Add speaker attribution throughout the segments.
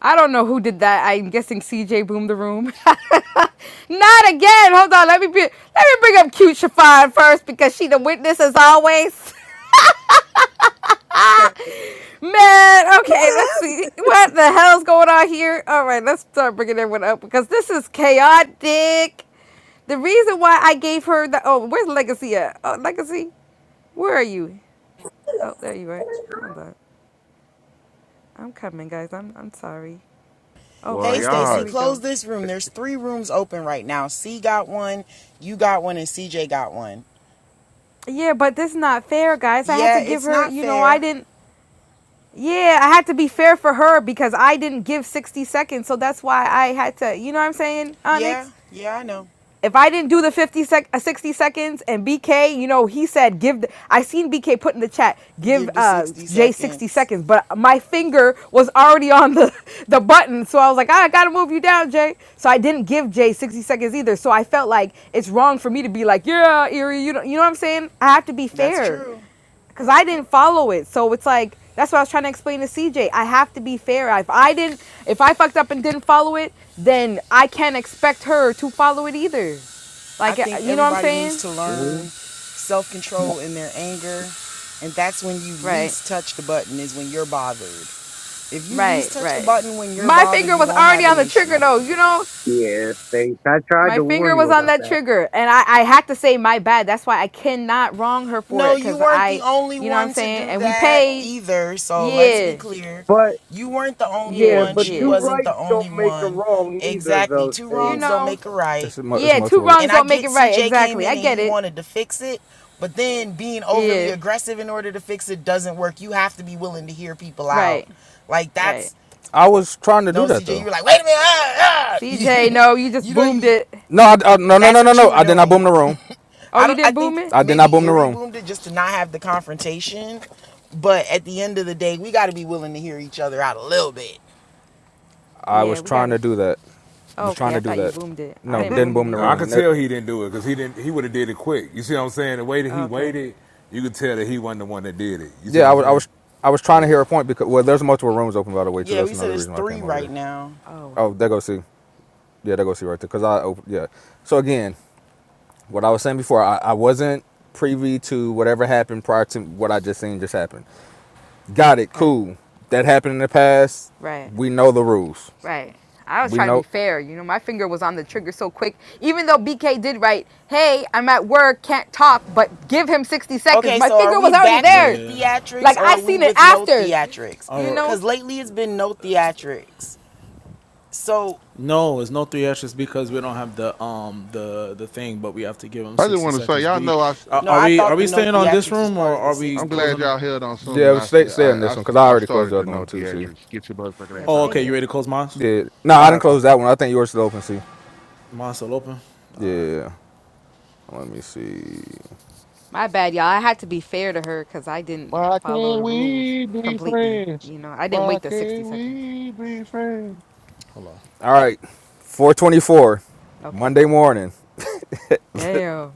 Speaker 1: I don't know who did that. I'm guessing CJ boomed the room. Not again. Hold on. Let me be, let me bring up cute Chiffon first because she the witness as always. Man, okay,
Speaker 2: What
Speaker 1: let's see. What the hell's going on here? All right, let's start bringing everyone up because this is chaotic. The reason why I gave her the oh, where's Legacy at? Oh, Legacy, where are you? Oh, there you are. Hold on. I'm coming, guys. I'm I'm sorry. Oh,
Speaker 3: Well,
Speaker 4: Hey,
Speaker 1: okay.
Speaker 4: Stacy,
Speaker 1: Here
Speaker 3: y'all,
Speaker 1: we
Speaker 4: close
Speaker 1: go.
Speaker 4: this room. There's three rooms open right now. C got one, you got one, and CJ got one.
Speaker 1: Yeah, but this is not fair, guys. I had
Speaker 4: Yeah,
Speaker 1: to give
Speaker 4: it's
Speaker 1: her,
Speaker 4: not
Speaker 1: you know, I
Speaker 4: fair.
Speaker 1: didn't. Yeah, I had to be fair for her because I didn't give 60 seconds. So that's why I had to, you know what I'm saying,
Speaker 4: Yeah,
Speaker 1: Onyx?
Speaker 4: yeah, I know.
Speaker 1: If I didn't do the 50 sec- uh, 60 seconds and BK, you know, he said give the, I seen BK put in the chat, give
Speaker 4: Give the
Speaker 1: uh
Speaker 4: 60
Speaker 1: Jay 60
Speaker 4: seconds.
Speaker 1: seconds, but my finger was already on the the button. So I was like, "Ah, I got to move you down, Jay. So I didn't give Jay 60 seconds either. So I felt like it's wrong for me to be like, yeah, Erie, you know, you know what I'm saying? I have to be
Speaker 4: That's
Speaker 1: fair
Speaker 4: true.
Speaker 1: because I didn't follow it. So it's like that's what I was trying to explain to CJ. I have to be fair. If I didn't, if I fucked up and didn't follow it, then I can't expect her to follow it either.
Speaker 4: I
Speaker 1: Like uh,
Speaker 4: think
Speaker 1: you know what I'm
Speaker 4: everybody needs
Speaker 1: saying?
Speaker 4: to learn
Speaker 5: Mhm.
Speaker 4: self control in their anger. And that's when you
Speaker 1: Right,
Speaker 4: least touch the button, is when you're bothered. If you least
Speaker 1: right,
Speaker 4: touch the
Speaker 1: right.
Speaker 4: button when you're
Speaker 1: My
Speaker 4: bothered,
Speaker 1: finger
Speaker 4: you
Speaker 1: was
Speaker 4: won't
Speaker 1: already
Speaker 4: have
Speaker 1: on
Speaker 4: an
Speaker 1: the trigger
Speaker 4: issue.
Speaker 1: though. You know,
Speaker 5: Yeah, thanks. I tried
Speaker 1: my
Speaker 5: to warn
Speaker 1: finger
Speaker 5: you
Speaker 1: was on
Speaker 5: about
Speaker 1: that
Speaker 5: that.
Speaker 1: trigger, and I I had to say my bad. That's why I cannot wrong her for
Speaker 4: No,
Speaker 1: it
Speaker 4: you
Speaker 1: because
Speaker 4: weren't the
Speaker 1: I,
Speaker 4: only
Speaker 1: you know what I'm
Speaker 4: one to
Speaker 1: saying.
Speaker 4: do
Speaker 1: And we
Speaker 4: that
Speaker 1: paid.
Speaker 4: either. So let's be
Speaker 1: Yeah,
Speaker 4: clear.
Speaker 5: But
Speaker 4: You weren't the only
Speaker 5: yeah,
Speaker 1: yeah,
Speaker 4: one.
Speaker 5: but
Speaker 4: She
Speaker 5: two
Speaker 1: yeah.
Speaker 4: wasn't the
Speaker 5: rights
Speaker 4: only
Speaker 5: don't make a
Speaker 4: one.
Speaker 5: wrong neither
Speaker 4: Exactly.
Speaker 5: though,
Speaker 4: Two
Speaker 1: You
Speaker 5: Stace.
Speaker 4: wrongs don't
Speaker 1: know.
Speaker 4: make a right.
Speaker 6: It's it's
Speaker 1: Yeah, two
Speaker 6: multiple.
Speaker 4: And
Speaker 1: wrongs
Speaker 4: I
Speaker 1: don't make
Speaker 4: get
Speaker 1: it right.
Speaker 4: CJ came
Speaker 1: Exactly. I
Speaker 4: in and
Speaker 1: get
Speaker 4: he
Speaker 1: it.
Speaker 4: wanted to fix it, but then being overly
Speaker 1: Yeah.
Speaker 4: aggressive in order to fix it doesn't work. You have to be willing to hear people out.
Speaker 1: Right.
Speaker 4: Like
Speaker 1: Right.
Speaker 4: that's
Speaker 6: I was trying to
Speaker 4: no
Speaker 6: do that
Speaker 4: CJ, you
Speaker 6: though.
Speaker 4: were like, "Wait a minute." Ah, ah. You,
Speaker 1: CJ, no, you just
Speaker 4: you know
Speaker 1: boomed it.
Speaker 6: No, I, I, no, no,
Speaker 4: that's
Speaker 6: no, no,
Speaker 4: what you
Speaker 6: no.
Speaker 4: were
Speaker 6: I did not
Speaker 4: doing.
Speaker 6: boom the room.
Speaker 1: Oh,
Speaker 4: I
Speaker 1: you
Speaker 4: don't. I
Speaker 1: didn't boom
Speaker 4: think
Speaker 1: it?
Speaker 6: I did not
Speaker 4: maybe
Speaker 6: boom the
Speaker 4: Erie
Speaker 6: room.
Speaker 4: boomed it just to not have the confrontation. But at the end of the day, we got to be willing to hear each other out a little bit.
Speaker 6: I
Speaker 1: Yeah,
Speaker 6: was
Speaker 1: we got
Speaker 6: trying to
Speaker 1: to
Speaker 6: do that. Was trying
Speaker 1: Okay,
Speaker 6: to
Speaker 1: I
Speaker 6: do
Speaker 1: thought you
Speaker 6: that.
Speaker 1: boomed it. I
Speaker 6: No,
Speaker 1: didn't
Speaker 6: didn't
Speaker 1: boom it
Speaker 6: boom the
Speaker 7: No, I
Speaker 1: either.
Speaker 6: room.
Speaker 7: could
Speaker 6: And that,
Speaker 7: tell he didn't do it because he didn't. He would have did it quick. You see what I'm saying? The way that he
Speaker 1: Okay.
Speaker 7: waited, you could tell that he wasn't the one that did it. You see
Speaker 6: yeah,
Speaker 7: what
Speaker 6: I
Speaker 7: I'm
Speaker 6: was, I
Speaker 7: saying?
Speaker 6: was, I was trying to
Speaker 7: Yeah.
Speaker 6: hear a point because well, there's multiple rooms open by the way too.
Speaker 4: Yeah,
Speaker 6: That's
Speaker 4: we said
Speaker 6: another
Speaker 4: it's
Speaker 6: reason why I
Speaker 4: three
Speaker 6: came over
Speaker 4: right
Speaker 6: here.
Speaker 4: now.
Speaker 1: Oh,
Speaker 6: Oh, there go see. Yeah, there go see right there. Cause I opened. Yeah. So again, what I was saying before, I, I wasn't privy to whatever happened prior to what I just seen just happened. Got it.
Speaker 1: okay.
Speaker 6: Cool. That happened in the past.
Speaker 1: Right.
Speaker 6: We know the rules.
Speaker 1: Right. I was
Speaker 6: We
Speaker 1: trying to
Speaker 6: know.
Speaker 1: be fair. You know, my finger was on the trigger so quick. Even though BK did write, hey, I'm at work, can't talk, but give him 60 seconds,
Speaker 4: Okay,
Speaker 1: my
Speaker 4: so are
Speaker 1: finger
Speaker 4: we
Speaker 1: was already
Speaker 4: back with the
Speaker 1: there.
Speaker 8: Yeah.
Speaker 4: theatrics
Speaker 1: Like,
Speaker 4: or
Speaker 1: I
Speaker 4: are we
Speaker 1: seen it
Speaker 4: with no
Speaker 1: after.
Speaker 4: theatrics?
Speaker 1: You
Speaker 8: Our
Speaker 1: know?
Speaker 4: Because lately it's been no theatrics. So,
Speaker 8: no, it's no three extras because we don't have the um the the thing, but we have to give them
Speaker 3: I just
Speaker 8: sixty
Speaker 3: want to say,
Speaker 8: seconds. Do
Speaker 3: y'all
Speaker 8: you,
Speaker 3: know I. s-
Speaker 8: are
Speaker 4: no,
Speaker 8: are
Speaker 4: I
Speaker 8: we are
Speaker 4: thought the
Speaker 8: we
Speaker 4: no
Speaker 8: staying on this
Speaker 4: theatrics was
Speaker 8: room
Speaker 4: part
Speaker 8: or
Speaker 4: of the
Speaker 8: are we
Speaker 3: I'm
Speaker 4: 60.
Speaker 3: glad
Speaker 8: closing? the-
Speaker 3: y'all held on
Speaker 6: Yeah,
Speaker 3: something
Speaker 6: but
Speaker 3: I
Speaker 6: stay
Speaker 3: said.
Speaker 6: stay
Speaker 3: I,
Speaker 6: on
Speaker 3: I
Speaker 6: this one because
Speaker 3: s-
Speaker 6: I
Speaker 3: I
Speaker 6: already closed
Speaker 3: started
Speaker 6: the
Speaker 3: to
Speaker 6: other one
Speaker 3: know
Speaker 6: too. See.
Speaker 3: theatrics. Get your motherfucking
Speaker 1: Yeah,
Speaker 3: ass
Speaker 8: Oh,
Speaker 3: out
Speaker 1: stay
Speaker 3: of
Speaker 8: okay.
Speaker 3: here.
Speaker 8: You
Speaker 1: here.
Speaker 8: ready to close mine?
Speaker 6: Yeah. No, I
Speaker 8: All
Speaker 6: didn't
Speaker 8: right, cool.
Speaker 6: close that one. I think yours still open. See.
Speaker 8: Mine's still open.
Speaker 6: Yeah. Let me see.
Speaker 1: My bad, y'all. I had to be fair to her because I didn't
Speaker 3: Why
Speaker 1: follow
Speaker 3: can't
Speaker 1: the rules
Speaker 3: we be
Speaker 1: completely.
Speaker 3: friends?
Speaker 1: You know, I didn't
Speaker 3: Why
Speaker 1: wait the 60
Speaker 3: can't
Speaker 1: seconds.
Speaker 3: we be friends?
Speaker 8: Hold on.
Speaker 6: All right. 424,
Speaker 1: Okay.
Speaker 6: Monday morning.
Speaker 1: Damn.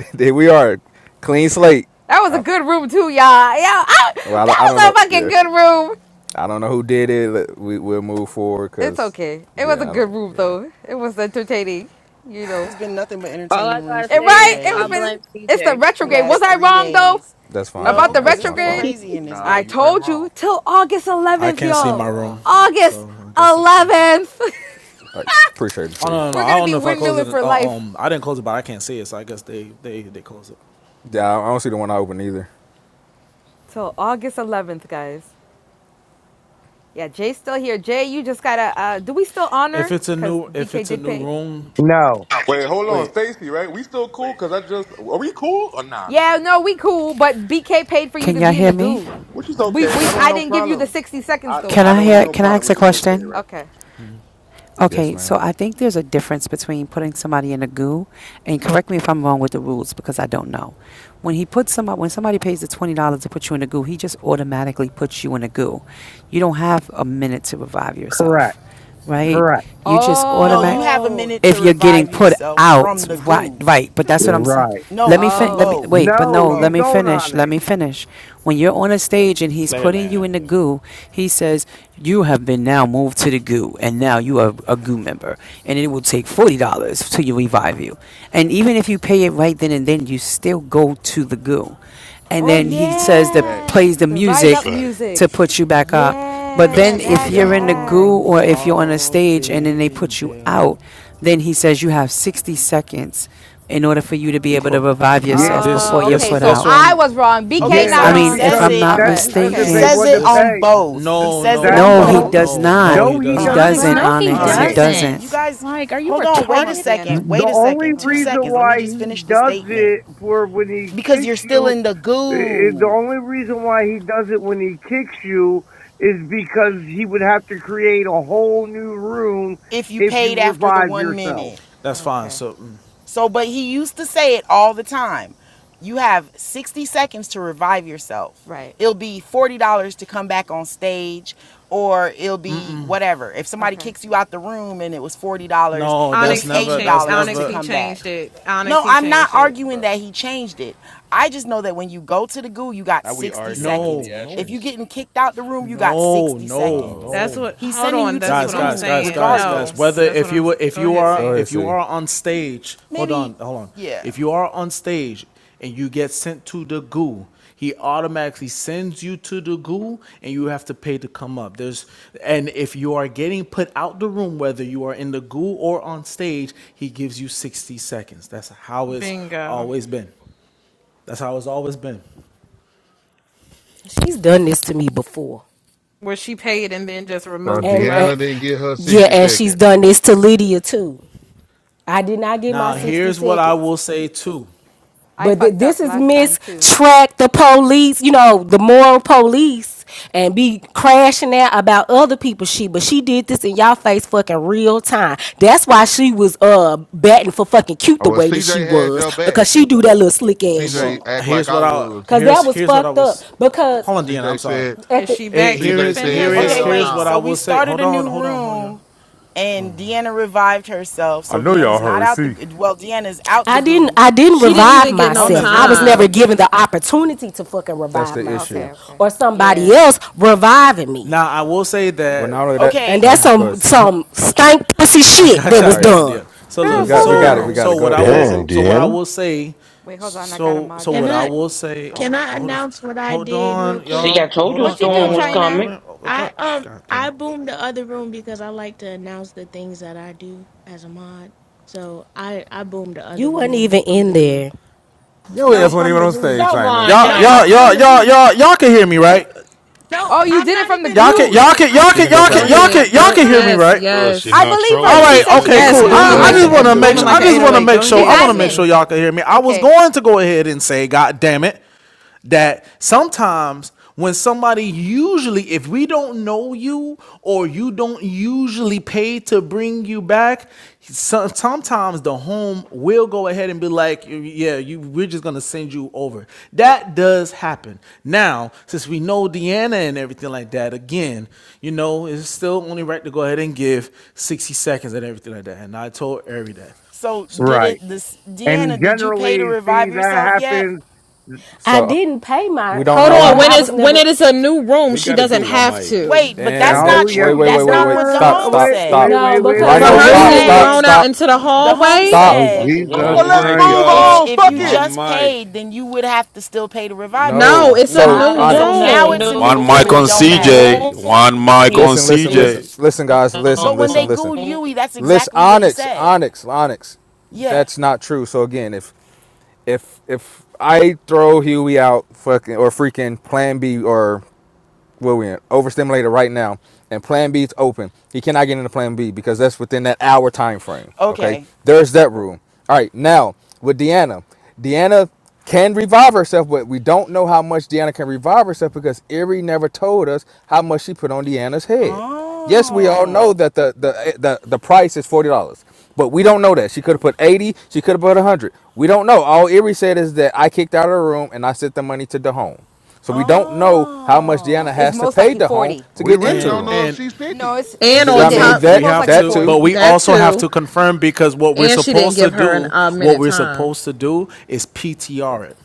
Speaker 6: there we are. Clean slate.
Speaker 1: That was a
Speaker 6: I,
Speaker 1: good room, too, y'all. Yeah, I,
Speaker 6: well,
Speaker 1: that
Speaker 6: I, I don't
Speaker 1: was a
Speaker 6: know.
Speaker 1: fucking
Speaker 6: Yeah.
Speaker 1: good room.
Speaker 6: I don't know who did it. We we'll move forward
Speaker 1: It's
Speaker 6: because.
Speaker 1: okay. It was a
Speaker 6: Yeah. I don't,
Speaker 1: good room,
Speaker 6: yeah.
Speaker 1: though. It was entertaining, you know.
Speaker 4: It's been nothing but
Speaker 9: All I
Speaker 4: entertaining rooms
Speaker 9: gotta
Speaker 4: for
Speaker 1: And
Speaker 4: three
Speaker 9: say
Speaker 1: right?
Speaker 9: is
Speaker 1: It
Speaker 9: I
Speaker 1: was
Speaker 4: days.
Speaker 9: blame
Speaker 1: been. It's the
Speaker 9: TJ.
Speaker 4: The
Speaker 9: Thank
Speaker 1: retrograde.
Speaker 9: you.
Speaker 1: Was
Speaker 4: last
Speaker 1: I
Speaker 4: three
Speaker 1: wrong, though?
Speaker 4: days.
Speaker 6: That's fine. That's
Speaker 1: About
Speaker 4: No,
Speaker 1: the
Speaker 6: my
Speaker 4: because
Speaker 6: that's
Speaker 4: it's
Speaker 6: my
Speaker 4: been
Speaker 6: fault.
Speaker 1: retrograde?
Speaker 4: crazy in this
Speaker 10: Nah,
Speaker 1: I
Speaker 10: you
Speaker 4: bitch.
Speaker 10: weren't
Speaker 1: told
Speaker 10: wrong.
Speaker 1: you. Till August
Speaker 8: I
Speaker 1: 11th,
Speaker 8: can't see
Speaker 10: Not
Speaker 8: my
Speaker 1: y'all.
Speaker 8: room,
Speaker 10: wrong.
Speaker 1: August
Speaker 8: so I guess they closed it.
Speaker 1: 11th.
Speaker 6: I appreciate it,
Speaker 8: Oh
Speaker 6: see.
Speaker 8: no, no, no!
Speaker 1: We're
Speaker 8: I
Speaker 1: gonna
Speaker 8: don't
Speaker 1: be
Speaker 8: know if I closed
Speaker 1: windmilling
Speaker 8: it.
Speaker 1: for
Speaker 8: Uh,
Speaker 1: life
Speaker 8: um, I didn't close it, but I can't see it, so I guess they they they close it.
Speaker 6: Yeah. I don't see the one I opened either.
Speaker 1: till August 11th, guys. Yeah, Jay's still here. Jay, you just gotta. Uh, do we still
Speaker 8: If
Speaker 1: honor?
Speaker 8: it's a
Speaker 1: Cause
Speaker 8: new if
Speaker 1: BK
Speaker 8: it's a
Speaker 1: did
Speaker 8: new
Speaker 1: pay.
Speaker 8: room,
Speaker 5: No.
Speaker 11: Wait, hold on,
Speaker 8: wait,
Speaker 11: Stacy. Right? We still cool? Cause I just are we cool or nah? This
Speaker 1: Yeah,
Speaker 11: nigga-
Speaker 1: no, we cool, but BK paid for you
Speaker 12: Can
Speaker 1: to
Speaker 12: y'all
Speaker 1: be in the
Speaker 12: hear me?
Speaker 1: goo.
Speaker 11: Which is
Speaker 1: We
Speaker 11: okay.
Speaker 1: we
Speaker 11: I don't have
Speaker 1: I
Speaker 11: no
Speaker 1: didn't give you the
Speaker 11: problem.
Speaker 1: 60 seconds
Speaker 11: I
Speaker 1: though.
Speaker 12: Can
Speaker 11: I
Speaker 12: I
Speaker 11: don't have
Speaker 12: hear
Speaker 11: no
Speaker 12: can I
Speaker 11: problem,
Speaker 12: ask a
Speaker 11: which is okay,
Speaker 12: question?
Speaker 11: right?
Speaker 1: Okay.
Speaker 6: Yes,
Speaker 12: Okay, so
Speaker 6: ma'am.
Speaker 12: I think there's a difference between putting somebody in the goo and correct me if I'm wrong with the rules because I don't know. When he puts somebody when somebody pays the twenty dollars to put you in the goo, he just automatically puts you in the goo. You don't have a minute to revive
Speaker 5: Correct.
Speaker 12: yourself. Right?
Speaker 5: Correct.
Speaker 12: You just
Speaker 4: No, you
Speaker 12: automatic
Speaker 4: have a
Speaker 1: Oh
Speaker 4: minute to
Speaker 12: if you're getting
Speaker 4: revive
Speaker 12: put
Speaker 4: yourself from
Speaker 12: out
Speaker 4: the
Speaker 12: right
Speaker 4: goo.
Speaker 12: right but that's what i'm saying
Speaker 5: Right.
Speaker 12: let
Speaker 4: No,
Speaker 12: me
Speaker 4: from
Speaker 12: fin- let
Speaker 1: oh
Speaker 12: me
Speaker 4: both.
Speaker 12: wait but
Speaker 4: From
Speaker 5: No,
Speaker 12: no
Speaker 5: you
Speaker 12: let me
Speaker 4: both.
Speaker 5: don't
Speaker 12: finish let
Speaker 5: Onyx.
Speaker 12: me finish when you're on a stage and he's
Speaker 13: Slayer
Speaker 12: putting you
Speaker 13: Land.
Speaker 12: in the
Speaker 13: Yeah.
Speaker 12: goo he says you have been now moved to the goo and now you are a goo member and it will take $40 to you revive you and even if you pay it right then and then you still go to the goo and
Speaker 1: oh
Speaker 12: then he says that
Speaker 1: yeah.
Speaker 10: Facts,
Speaker 12: plays the
Speaker 1: The
Speaker 14: That's a
Speaker 1: rise up
Speaker 12: music
Speaker 14: fact.
Speaker 12: to
Speaker 1: music.
Speaker 12: put you back up. But
Speaker 14: That's
Speaker 1: Yeah,
Speaker 12: then
Speaker 14: a
Speaker 12: if
Speaker 14: fucking
Speaker 13: In
Speaker 1: that's
Speaker 13: the
Speaker 1: a
Speaker 12: you're in
Speaker 14: fact.
Speaker 12: the
Speaker 1: fact.
Speaker 12: goo or
Speaker 13: arms
Speaker 12: if you're on a
Speaker 13: of the
Speaker 12: stage and then they put you out,
Speaker 13: angel.
Speaker 12: then he says you have 60 seconds in order for you to be able to
Speaker 8: cool.
Speaker 12: revive
Speaker 5: Yeah.
Speaker 12: yourself
Speaker 8: This
Speaker 12: before
Speaker 1: Oh,
Speaker 12: you're
Speaker 8: this
Speaker 1: okay.
Speaker 12: put
Speaker 1: So
Speaker 8: this
Speaker 12: out.
Speaker 1: I
Speaker 8: one
Speaker 1: was wrong.
Speaker 4: Okay,
Speaker 1: BK
Speaker 5: Yeah,
Speaker 4: so
Speaker 1: not
Speaker 12: I
Speaker 5: that's
Speaker 4: he
Speaker 12: mean,
Speaker 1: wrong.
Speaker 12: if
Speaker 4: says
Speaker 5: because
Speaker 12: I'm
Speaker 4: it.
Speaker 12: not
Speaker 1: All
Speaker 5: that's
Speaker 1: right.
Speaker 5: because
Speaker 4: He
Speaker 5: if
Speaker 1: Okay.
Speaker 5: they
Speaker 12: mistaken,
Speaker 4: says
Speaker 5: want
Speaker 4: it
Speaker 5: to
Speaker 8: This
Speaker 4: on
Speaker 5: pay
Speaker 4: both. He
Speaker 5: th-
Speaker 8: no,
Speaker 4: says it
Speaker 8: no,
Speaker 5: that's
Speaker 4: on
Speaker 12: no,
Speaker 8: no,
Speaker 12: he does
Speaker 4: both.
Speaker 8: no,
Speaker 12: not.
Speaker 8: no, he
Speaker 5: no he
Speaker 12: He
Speaker 5: does
Speaker 8: doesn't.
Speaker 15: Onyx,
Speaker 12: doesn't,
Speaker 5: not
Speaker 15: no, he
Speaker 8: No,
Speaker 4: Can
Speaker 12: Onyx.
Speaker 8: he
Speaker 4: I
Speaker 12: He
Speaker 5: Onyx.
Speaker 4: just
Speaker 8: doesn't.
Speaker 4: fin-
Speaker 12: doesn't.
Speaker 4: you
Speaker 15: doesn't.
Speaker 4: guys
Speaker 15: Like, are you
Speaker 4: hold on,
Speaker 1: Come
Speaker 4: wait a
Speaker 1: up,
Speaker 15: retarded?
Speaker 1: Deanna.
Speaker 4: second. Wait
Speaker 5: The
Speaker 4: a
Speaker 5: only
Speaker 4: second.
Speaker 1: Hold
Speaker 4: 2
Speaker 1: on.
Speaker 5: reason
Speaker 4: seconds. Let
Speaker 5: why
Speaker 4: me just finish
Speaker 5: he
Speaker 4: the
Speaker 5: does
Speaker 4: statement
Speaker 5: it for when he
Speaker 4: because you're
Speaker 5: kicks
Speaker 4: still
Speaker 5: you
Speaker 4: in the
Speaker 5: It, the
Speaker 4: goo
Speaker 5: only reason why he does it when he kicks you is because he would have to create a whole new room
Speaker 4: if you
Speaker 5: if you
Speaker 4: paid after the
Speaker 5: revive
Speaker 4: 1 minute.
Speaker 5: yourself.
Speaker 8: That's fine.
Speaker 1: Okay.
Speaker 8: So mm,
Speaker 4: So, but he used to say it all the time. You have 60 seconds to revive yourself.
Speaker 1: Right.
Speaker 4: It'll be $40 to come back on stage, or it'll be whatever. If somebody
Speaker 1: Okay.
Speaker 4: kicks you out the room and it was $40,
Speaker 8: no,
Speaker 4: it'll
Speaker 8: that's
Speaker 4: be
Speaker 16: Onyx he
Speaker 8: never
Speaker 4: $80
Speaker 8: that's
Speaker 16: changed.
Speaker 4: to
Speaker 16: Onyx
Speaker 8: never
Speaker 16: he
Speaker 4: come
Speaker 16: changed
Speaker 4: back.
Speaker 16: it. Onyx
Speaker 4: No,
Speaker 16: he
Speaker 4: I'm not
Speaker 16: changed it.
Speaker 4: arguing
Speaker 10: bro.
Speaker 4: that he changed it. I just know that when you go to the goo, you got
Speaker 10: Now we
Speaker 4: 60
Speaker 10: arguing the
Speaker 4: seconds.
Speaker 8: no,
Speaker 4: If
Speaker 8: no.
Speaker 4: you're
Speaker 10: theatrics.
Speaker 4: getting kicked out the room, you got
Speaker 8: No,
Speaker 4: 60
Speaker 8: no,
Speaker 4: seconds.
Speaker 13: No.
Speaker 16: That's
Speaker 8: no.
Speaker 16: what.
Speaker 4: He's
Speaker 16: Hold
Speaker 4: sending
Speaker 16: on.
Speaker 4: you to the
Speaker 16: That's
Speaker 8: Guys,
Speaker 16: what I'm
Speaker 8: guys,
Speaker 4: goo
Speaker 8: guys,
Speaker 16: saying.
Speaker 8: guys, guys.
Speaker 16: No,
Speaker 8: Whether
Speaker 4: regardless.
Speaker 16: that's
Speaker 8: if
Speaker 16: what I'm.
Speaker 8: you were if
Speaker 16: Go
Speaker 8: you
Speaker 16: ahead,
Speaker 8: are
Speaker 6: Go
Speaker 16: see.
Speaker 6: ahead,
Speaker 8: if you
Speaker 6: see.
Speaker 8: are on stage, hold
Speaker 4: Maybe,
Speaker 8: on, hold on.
Speaker 4: yeah.
Speaker 8: If you are on stage and you get sent to the goo, he automatically sends you to the goo and you have to pay to come up. There's and if you are getting put out the room, whether you are in the goo or on stage, he gives you 60 seconds. That's how it's
Speaker 16: Bingo.
Speaker 8: always been. That's how it's always been.
Speaker 17: She's done this to me before.
Speaker 16: Where she paid and then just
Speaker 3: So
Speaker 16: removed
Speaker 17: And,
Speaker 16: you
Speaker 17: and
Speaker 3: Deanna
Speaker 16: out.
Speaker 3: didn't get her
Speaker 17: yeah,
Speaker 3: 60
Speaker 17: and she's
Speaker 3: seconds.
Speaker 17: done this to Lydia too. I did not get my
Speaker 8: Now
Speaker 3: Damn.
Speaker 17: 60
Speaker 8: here's what I
Speaker 17: seconds.
Speaker 8: will say too.
Speaker 1: I
Speaker 17: But th-
Speaker 1: fucked up
Speaker 17: this is
Speaker 1: last time
Speaker 17: Miss
Speaker 1: too.
Speaker 17: Track the Police, you know, the moral police, and be crashing out about other people's shit. But she did this in y'all face fucking real time. That's why she was uh batting for fucking cute
Speaker 3: Oh,
Speaker 17: the
Speaker 3: well,
Speaker 17: way that she
Speaker 3: CJ had
Speaker 17: was,
Speaker 3: your back.
Speaker 17: because she do that little slick ass
Speaker 3: CJ
Speaker 17: shit.
Speaker 8: Well,
Speaker 3: act like
Speaker 8: here's what
Speaker 3: I
Speaker 8: I
Speaker 3: was.
Speaker 17: Cause
Speaker 8: here's
Speaker 17: that was
Speaker 8: here's what I
Speaker 17: fucked up.
Speaker 8: was.
Speaker 17: Because
Speaker 8: Hold on, Deanna. I'm
Speaker 3: CJ
Speaker 8: sorry.
Speaker 3: said.
Speaker 17: at
Speaker 16: Is
Speaker 17: the
Speaker 16: she
Speaker 8: Eh,
Speaker 16: back to
Speaker 8: here
Speaker 3: CJ
Speaker 8: is
Speaker 16: defend
Speaker 8: here
Speaker 3: said,
Speaker 8: is
Speaker 4: Okay,
Speaker 16: herself?
Speaker 3: hell
Speaker 8: here's
Speaker 4: wait.
Speaker 8: what
Speaker 4: So
Speaker 8: I
Speaker 3: no.
Speaker 4: we
Speaker 8: will say.
Speaker 4: started
Speaker 8: Hold
Speaker 4: a
Speaker 8: on,
Speaker 4: new
Speaker 8: hold on, hold on. y'all.
Speaker 4: room and Deanna revived herself.
Speaker 7: I
Speaker 4: So
Speaker 7: know y'all
Speaker 4: Deanna's not
Speaker 7: heard.
Speaker 4: out
Speaker 7: See,
Speaker 4: the well, Deanna's out the
Speaker 17: I didn't
Speaker 4: goo.
Speaker 17: I didn't
Speaker 16: She didn't
Speaker 8: On
Speaker 17: revive
Speaker 16: even get no
Speaker 17: myself.
Speaker 8: honest, why
Speaker 17: I
Speaker 8: are
Speaker 17: was
Speaker 8: you?
Speaker 17: never
Speaker 16: time.
Speaker 17: given the opportunity to fucking
Speaker 6: That's
Speaker 17: revive
Speaker 6: the issue.
Speaker 1: Okay,
Speaker 17: myself
Speaker 1: okay.
Speaker 17: or somebody
Speaker 1: Yeah.
Speaker 17: else reviving me.
Speaker 8: Now I will say
Speaker 6: Well,
Speaker 8: that
Speaker 6: not only that.
Speaker 17: And
Speaker 4: Okay.
Speaker 6: Oh,
Speaker 17: that's
Speaker 6: go
Speaker 17: some
Speaker 6: ahead, see.
Speaker 17: some
Speaker 8: I'm. tr-
Speaker 17: stank pussy
Speaker 8: I
Speaker 17: shit
Speaker 6: All
Speaker 8: got
Speaker 17: that
Speaker 8: you.
Speaker 6: right,
Speaker 8: I
Speaker 17: was
Speaker 6: all right.
Speaker 8: got you,
Speaker 17: done.
Speaker 8: Deanna. So
Speaker 6: We
Speaker 7: damn,
Speaker 8: look.
Speaker 6: got,
Speaker 16: Jesus
Speaker 6: we
Speaker 7: slow
Speaker 6: got it,
Speaker 8: So
Speaker 7: down.
Speaker 6: we got it.
Speaker 8: so
Speaker 16: Christ.
Speaker 8: what
Speaker 6: Go,
Speaker 8: I
Speaker 6: go ahead,
Speaker 8: will.
Speaker 6: see.
Speaker 18: Damn,
Speaker 8: So what I
Speaker 18: Deanna.
Speaker 8: will say.
Speaker 1: Wait, hold on. I gotta
Speaker 8: So so
Speaker 1: mod
Speaker 19: Can
Speaker 8: what I
Speaker 1: China.
Speaker 19: I
Speaker 8: will say. Oh,
Speaker 19: can
Speaker 1: China
Speaker 19: I
Speaker 8: hold on.
Speaker 1: is.
Speaker 19: announce what I
Speaker 8: Hold
Speaker 19: did real
Speaker 8: on,
Speaker 19: quick?
Speaker 20: See, I
Speaker 8: y'all.
Speaker 20: told
Speaker 8: Hold
Speaker 20: you a
Speaker 8: on.
Speaker 1: What you
Speaker 8: Hold
Speaker 1: do,
Speaker 20: storm
Speaker 8: on,
Speaker 20: was
Speaker 8: y'all.
Speaker 1: China?
Speaker 8: Hold
Speaker 20: coming.
Speaker 8: on. Oh,
Speaker 19: I
Speaker 8: God.
Speaker 19: um
Speaker 8: God
Speaker 19: I
Speaker 8: damn
Speaker 19: boomed the other room because I like to announce the things that I do as a mod. So I I boomed the other
Speaker 17: You weren't
Speaker 19: room
Speaker 17: even
Speaker 19: from
Speaker 17: in
Speaker 19: the goo.
Speaker 17: there.
Speaker 7: Your
Speaker 8: it.
Speaker 7: ass
Speaker 19: No,
Speaker 7: wasn't
Speaker 8: Y-
Speaker 19: from
Speaker 7: even
Speaker 19: the
Speaker 7: on
Speaker 19: goo.
Speaker 7: stage, China.
Speaker 20: Doggone
Speaker 8: Y'all,
Speaker 19: No, I
Speaker 8: y'all,
Speaker 20: China.
Speaker 19: was from
Speaker 8: y'all,
Speaker 19: the
Speaker 8: y'all,
Speaker 19: goo.
Speaker 8: y'all, y'all can hear me, right?
Speaker 19: No,
Speaker 1: Oh, you
Speaker 19: I'm
Speaker 1: did it
Speaker 19: not
Speaker 1: from the
Speaker 19: even
Speaker 8: Y'all can
Speaker 1: goo.
Speaker 8: y'all
Speaker 19: trolling.
Speaker 8: can
Speaker 19: I'm
Speaker 8: y'all
Speaker 6: She
Speaker 19: not
Speaker 8: can
Speaker 6: can do it
Speaker 8: y'all
Speaker 19: trolling.
Speaker 6: from
Speaker 16: Go
Speaker 8: can
Speaker 6: the
Speaker 19: I
Speaker 8: y'all
Speaker 6: goo.
Speaker 19: I
Speaker 8: can
Speaker 16: ahead.
Speaker 19: swear
Speaker 8: y'all
Speaker 19: to
Speaker 16: Go.
Speaker 8: can hear me
Speaker 19: God.
Speaker 16: Yes.
Speaker 8: right?
Speaker 14: Girl, she
Speaker 1: I
Speaker 16: Yes.
Speaker 14: not
Speaker 1: believe her.
Speaker 8: All
Speaker 14: trolling,
Speaker 13: Hold
Speaker 1: She
Speaker 13: on.
Speaker 8: right,
Speaker 1: said
Speaker 19: I
Speaker 1: she
Speaker 14: nigga.
Speaker 8: okay,
Speaker 19: swear
Speaker 1: did
Speaker 19: to
Speaker 14: She
Speaker 13: She
Speaker 1: it
Speaker 16: Yes.
Speaker 1: from
Speaker 8: cool.
Speaker 14: not
Speaker 1: the
Speaker 19: God,
Speaker 13: says she
Speaker 6: Go
Speaker 16: Booming
Speaker 8: I,
Speaker 19: I'm
Speaker 1: goo.
Speaker 8: I
Speaker 6: ahead,
Speaker 14: trolling.
Speaker 16: like
Speaker 19: not
Speaker 16: the
Speaker 8: just
Speaker 6: see.
Speaker 13: booming
Speaker 8: want
Speaker 13: from
Speaker 8: to
Speaker 16: and
Speaker 13: the
Speaker 19: trolling.
Speaker 8: make
Speaker 16: booming
Speaker 8: sure I
Speaker 16: like an
Speaker 13: goo.
Speaker 8: just want to
Speaker 16: 808.
Speaker 13: See,
Speaker 8: make
Speaker 16: Go
Speaker 8: sure
Speaker 1: She's
Speaker 8: I
Speaker 16: ahead,
Speaker 8: want to make
Speaker 1: admin.
Speaker 8: sure
Speaker 16: see.
Speaker 8: y'all can hear me. I was
Speaker 1: Okay.
Speaker 8: going to go ahead and say, God damn it, that sometimes when somebody usually if we don't know you or you don't usually pay to bring you back some, sometimes the home will go ahead and be like yeah you we're just gonna send you over that does happen now since we know deanna and everything like that again you know it's still only right to go ahead and give 60 seconds and everything like that and i told every that
Speaker 4: So
Speaker 8: so
Speaker 4: did
Speaker 5: Right.
Speaker 4: it this
Speaker 5: And
Speaker 4: Deanna, did you pay to
Speaker 5: generally, see,
Speaker 4: revive
Speaker 5: that
Speaker 4: yourself yet?
Speaker 5: happens.
Speaker 17: I
Speaker 6: So uh,
Speaker 17: didn't pay my
Speaker 6: we don't
Speaker 16: Hold
Speaker 6: know
Speaker 17: pay,
Speaker 6: how
Speaker 16: on.
Speaker 17: but
Speaker 6: much.
Speaker 16: When
Speaker 17: I was
Speaker 16: is when
Speaker 17: never
Speaker 16: it is a new room,
Speaker 13: we
Speaker 16: she
Speaker 13: got to do
Speaker 16: doesn't
Speaker 13: one
Speaker 16: have
Speaker 13: mic.
Speaker 16: to.
Speaker 4: Wait, but that's
Speaker 6: And
Speaker 4: not
Speaker 6: that.
Speaker 5: Oh,
Speaker 6: Wait,
Speaker 5: yes,
Speaker 4: true.
Speaker 6: wait,
Speaker 5: she
Speaker 6: wait,
Speaker 4: That's
Speaker 6: wait,
Speaker 4: not
Speaker 6: wait.
Speaker 4: what
Speaker 6: Stop,
Speaker 5: does.
Speaker 4: Dahome
Speaker 6: stop,
Speaker 5: Wait,
Speaker 4: said.
Speaker 6: stop.
Speaker 5: wait,
Speaker 17: no,
Speaker 5: wait, wait,
Speaker 17: because
Speaker 16: For
Speaker 5: wait,
Speaker 17: the
Speaker 6: Rhino,
Speaker 16: her
Speaker 4: Dahome
Speaker 5: wait,
Speaker 16: to
Speaker 6: stop,
Speaker 5: wait,
Speaker 16: get
Speaker 17: rule
Speaker 5: wait.
Speaker 6: stop,
Speaker 16: thrown
Speaker 4: said
Speaker 16: out
Speaker 6: stop,
Speaker 16: into the
Speaker 4: Dahome
Speaker 16: hallway?
Speaker 6: stop.
Speaker 5: Oh,
Speaker 20: Yes,
Speaker 4: said
Speaker 20: it
Speaker 5: Jesus
Speaker 3: Oh,
Speaker 13: One
Speaker 20: is.
Speaker 3: let's move
Speaker 13: mic,
Speaker 5: Christ.
Speaker 4: if sh-
Speaker 3: on.
Speaker 13: y'all.
Speaker 4: if
Speaker 3: Fuck
Speaker 4: you
Speaker 3: it.
Speaker 13: One
Speaker 4: just
Speaker 13: mic.
Speaker 4: paid, then you would have to still pay to revive
Speaker 16: No,
Speaker 6: No.
Speaker 4: yourself.
Speaker 16: it's a
Speaker 6: So
Speaker 20: Not
Speaker 16: new
Speaker 4: So
Speaker 20: in
Speaker 6: Onyx.
Speaker 20: a
Speaker 4: now it's a
Speaker 16: room.
Speaker 4: new
Speaker 13: One
Speaker 4: room
Speaker 13: mic
Speaker 4: and
Speaker 20: new
Speaker 13: on
Speaker 4: it
Speaker 6: Oh
Speaker 4: don't
Speaker 6: my goodness
Speaker 4: matter.
Speaker 20: room,
Speaker 13: CJ.
Speaker 6: gracious.
Speaker 13: One mic
Speaker 20: you
Speaker 13: on
Speaker 6: Listen, listen, listen,
Speaker 13: CJ.
Speaker 6: listen, guys.
Speaker 20: know.
Speaker 6: Listen,
Speaker 4: But when they
Speaker 6: listen, listen.
Speaker 4: gooed Yui, that's
Speaker 6: Listen,
Speaker 4: exactly what he
Speaker 6: Onyx,
Speaker 4: said.
Speaker 6: Onyx, Onyx.
Speaker 4: Yeah.
Speaker 6: That's not true. So again, if if if I throw Huey out, fucking or freaking Plan B or where we're in, overstimulated right now, and Plan B is open, he cannot get into Plan B because that's within that hour time frame. Okay,
Speaker 4: Okay.
Speaker 6: there's that rule. All right, now with Deanna, Deanna can revive herself, but we don't know how much Deanna can revive herself because Erie never told us how much she put on Deanna's head. Yes, we all
Speaker 4: Oh.
Speaker 6: know that the the eh, the, the price is forty dollars, but we don't know that she could have put eighty, she could have put one hundred. We don't know. All Erie said is that I kicked out of the room and I sent the money to Dahome. So we don't know how much Deanna
Speaker 1: It's
Speaker 6: has
Speaker 4: Oh.
Speaker 6: to
Speaker 1: most
Speaker 6: pay
Speaker 1: likely
Speaker 6: Dahome
Speaker 1: 40.
Speaker 6: to
Speaker 3: We
Speaker 6: get
Speaker 3: really
Speaker 6: into the
Speaker 8: and
Speaker 3: don't
Speaker 6: room.
Speaker 3: know if
Speaker 8: and
Speaker 3: she's
Speaker 1: No,
Speaker 3: 50.
Speaker 1: it's,
Speaker 16: And
Speaker 1: it's she
Speaker 16: on
Speaker 6: I mean
Speaker 1: did.
Speaker 16: top
Speaker 8: But
Speaker 1: It's
Speaker 6: that
Speaker 8: we
Speaker 1: most
Speaker 8: have
Speaker 1: likely
Speaker 6: that
Speaker 8: to,
Speaker 6: too.
Speaker 8: but
Speaker 1: 40.
Speaker 8: we
Speaker 16: that
Speaker 8: also have
Speaker 16: too,
Speaker 8: to confirm because what we're
Speaker 16: and she didn't
Speaker 8: supposed to
Speaker 16: give her an
Speaker 8: do,
Speaker 16: a
Speaker 8: what
Speaker 16: minute
Speaker 8: we're
Speaker 16: time.
Speaker 8: supposed to do is PTR it.